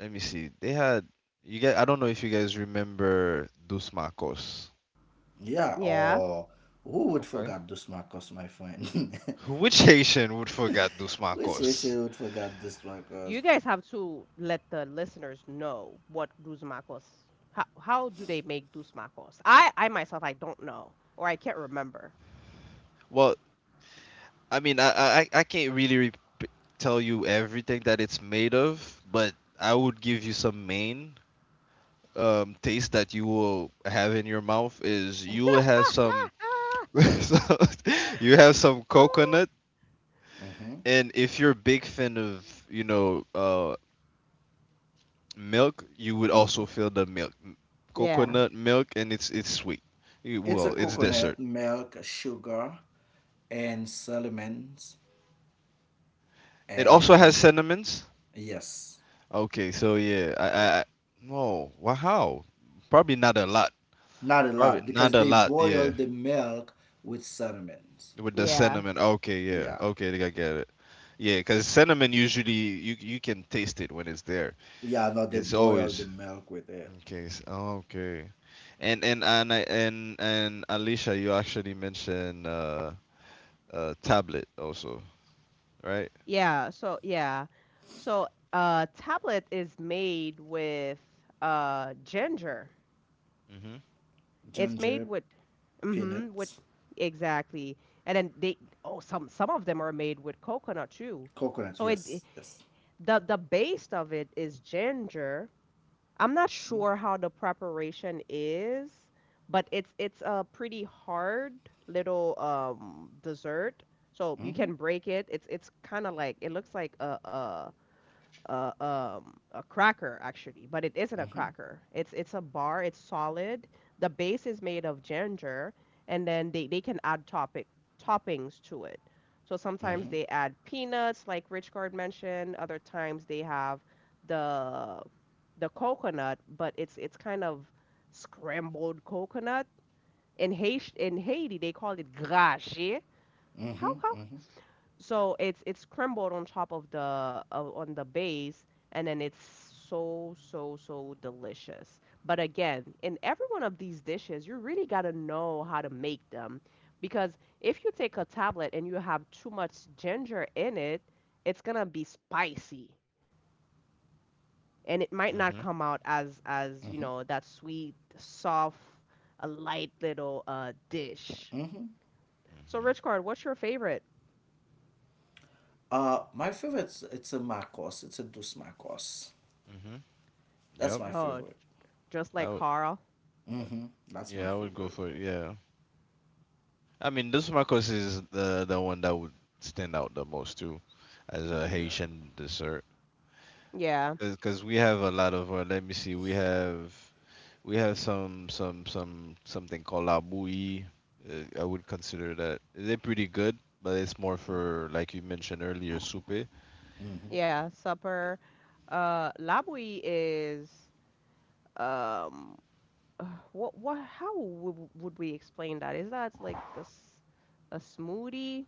S3: Let me see. They had you guys. I don't know if you guys remember Dos Macos.
S2: yeah,
S1: Yeah,
S2: oh, who would
S3: Okay.
S2: forget those Marcos, my friend?
S3: Which Haitian would forget Dos
S2: Which
S3: Macos?
S2: issue would forget this Marcos?
S1: you guys have to let the listeners know what Duzmacos. How do they make Duzmacos? I myself I don't know or I can't remember.
S3: Well, I mean, I can't really tell you everything that it's made of, but I would give you some main taste that you will have in your mouth is you will have some so- you have some coconut,
S2: Mm-hmm.
S3: and if you're a big fan of milk, you would
S2: Mm-hmm.
S3: also feel the milk
S1: Yeah,
S3: coconut milk, and it's sweet.
S2: It's a
S3: Well, it's
S2: coconut,
S3: dessert.
S2: milk, sugar, and cinnamons,
S3: It also has
S2: and
S3: cinnamons.
S2: yes,
S3: Okay, so yeah,
S2: yeah,
S3: I no, wow, how? Probably not a lot.
S2: not a
S3: Probably
S2: lot,
S3: not
S2: because
S3: a
S2: they
S3: lot, yeah.
S2: boil the milk with cinnamons.
S3: With the
S1: yeah.
S3: cinnamon, okay, yeah,
S2: Yeah,
S3: okay, I think I get it. Yeah, because cinnamon usually you can taste it when it's there.
S2: yeah, no, they
S3: It's
S2: boil the
S3: always
S2: milk with it.
S3: okay. Okay, and I, and Alicia, you actually mentioned tablet also, right?
S1: Yeah, so yeah. So tablet is made with ginger.
S3: Mhm.
S1: It's made
S2: Ginger,
S1: with mm-hmm with
S2: peanuts,
S1: exactly. And then they oh, some of them are made with coconut too.
S2: coconut.
S1: So
S2: Yes, yes.
S1: the base of it is ginger. I'm not sure how the preparation is, but it's a pretty hard little dessert. So you
S2: Mm-hmm.
S1: can break it. It's kind of like it looks like a cracker actually, but it isn't a
S2: Mm-hmm.
S1: cracker. It's a bar. It's solid. The base is made of ginger, and then they can add topic toppings to it. So
S3: Mhm.
S1: sometimes
S2: Mm-hmm.
S1: they add peanuts, like Richard mentioned. Other times they have the the coconut, but it's kind of scrambled coconut. In Haiti, they call it grache. How
S2: Mm-hmm.
S1: how
S2: Mm-hmm.
S1: so it's crumbled on top of the on the base, and then it's so so so delicious. But again, in every one of these dishes, you really gotta know how to make them, because if you take a tablet and you have too much ginger in it, it's gonna be spicy, and it might not
S3: Mhm.
S1: come
S2: Mm-hmm.
S1: out as, you know, that sweet, soft, a light little dish.
S2: Mm-hmm.
S1: So,
S3: Mhm.
S1: Rich Card, what's your favorite?
S2: My favorite it's a Marcos. It's a Dos Marcos.
S3: Mhm.
S2: That's
S3: Yep.
S2: my
S1: Oh,
S2: favorite.
S1: just
S3: I
S1: like
S3: would,
S1: Carl.
S3: uh,
S2: Mm-hmm. That's my
S3: yeah, I would go
S2: favorite.
S3: for it. Yeah. I mean, this Marcos is the one that would stand out the most too, as a
S2: Yeah.
S3: Haitian dessert. Because we have a lot of let me see, we have something called la bouillie. I would consider that they're pretty good, but it's more for, like you mentioned earlier, soupe.
S2: Mm-hmm.
S1: Yeah, supper. Labui is um, uh, what what? How would we explain that? Is that like a smoothie?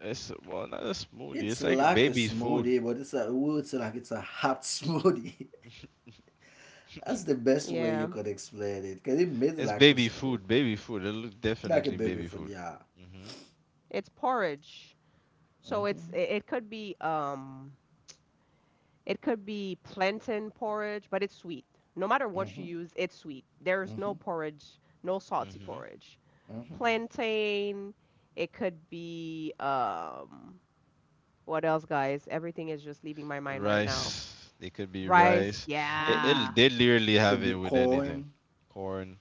S3: It's, well, not a smoothie.
S2: It's
S3: It's like
S2: like a
S3: baby food.
S2: smoothie, but it's a, we would say like it's a hot smoothie. That's the best way
S1: Yeah,
S2: you could explain it. Cause it made
S3: It's
S2: like a
S3: baby
S2: spoon,
S3: food, baby food. It'll
S2: like a
S3: definitely
S2: baby
S3: baby
S2: food.
S3: food.
S2: Yeah.
S3: Hmm.
S1: it's porridge. So
S2: Mm-hmm.
S1: it could be plantain porridge, but it's sweet. No matter what you
S2: Mm-hmm.
S1: use, it's sweet. There's
S2: Mm-hmm.
S1: no porridge, no salty
S3: Hmm.
S1: porridge.
S2: Mm-hmm.
S1: Plantain. It could be what else, guys? Everything is just leaving my mind right now.
S3: Rice. They could be
S1: Rice,
S3: rice.
S2: Mm-hmm.
S1: yeah.
S3: They literally
S2: It
S3: have
S2: could be
S3: it with anything.
S2: corn,
S3: Corn.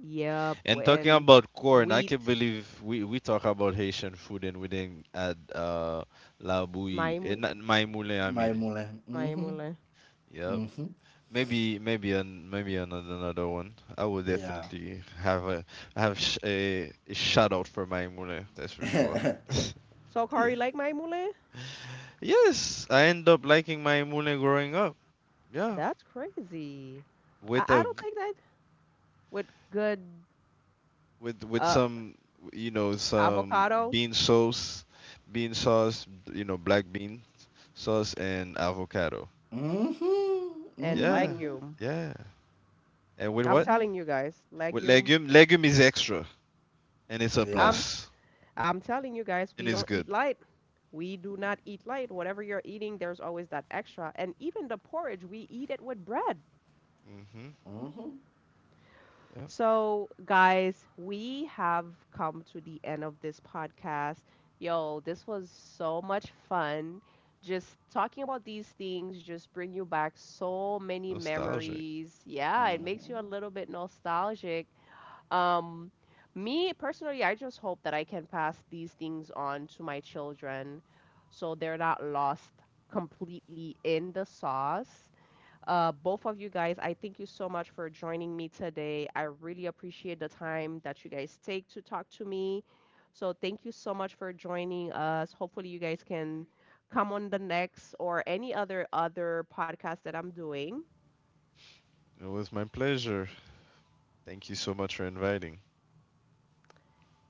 S1: Yep,
S3: And talking
S1: and
S3: about corn, I can't
S1: wheat.
S3: believe we talk about Haitian food and we didn't add la bouillie, eh,
S1: Maimul,
S3: not my moulin, I
S2: my
S3: mean.
S2: mole. Mm-hmm.
S1: Maimule.
S3: Yep.
S2: Mm-hmm.
S1: S-
S3: Maybe another one. I will definitely have a have sh- a shout out for my moulin. That's for sure.
S2: Yeah.
S1: So, Kari, like Maimule?
S3: Yes, I end up liking my moulin growing up. Yeah,
S1: That's crazy.
S3: with
S1: I
S3: a
S1: don't think that with good
S3: with with
S1: uh
S3: some some
S1: avocado
S3: bean sauce, black bean sauce and avocado.
S2: 嗯哼，
S1: and
S2: 嗯
S3: Yeah,
S2: 哼，
S1: legume.
S3: yeah. And with
S1: I'm
S3: what?
S2: 嗯，
S1: telling you guys,
S3: With
S1: legume.
S3: legume. Legume is extra, and it's a
S2: 对呀、
S1: I'm
S3: plus,
S1: I'm telling you guys,
S3: and
S1: we
S3: it's
S1: don't eat
S3: good.
S1: light. We do not eat light. Whatever you're eating, there's always that extra. And even the porridge, we eat it with bread.
S3: Mhm.
S2: 嗯哼，
S3: Yeah.
S1: So, guys, we have come to the end of this podcast. Yo, this was so much fun. Just talking about these things just bring you back so many
S3: Nostalgic.
S1: memories. Yeah, it
S2: 嗯
S1: makes you a
S2: 哼。
S1: little bit nostalgic. Um, me personally, I just hope that I can pass these things on to my children so they're not lost completely in the sauce. Both of you guys, I thank you so much for joining me today. I really appreciate the time that you guys take to talk to me. So thank you so much for joining us. Hopefully you guys can come on the next or any other podcast that I'm doing.
S3: It was my pleasure. Thank you so much for inviting.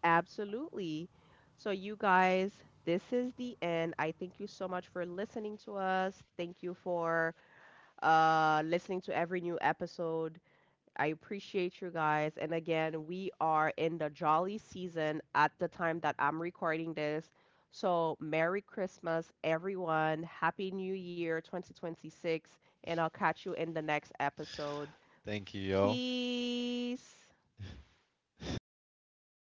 S1: Absolutely. So you guys, this is the end. I thank you so much for listening to us. Thank you for listening to every new episode. I appreciate you guys. And again, we are in the jolly season at the time that I'm recording this. So, Merry Christmas, everyone. Happy New Year 2026. And I'll catch you in the next episode.
S3: Thank you, y'all.
S1: Peace.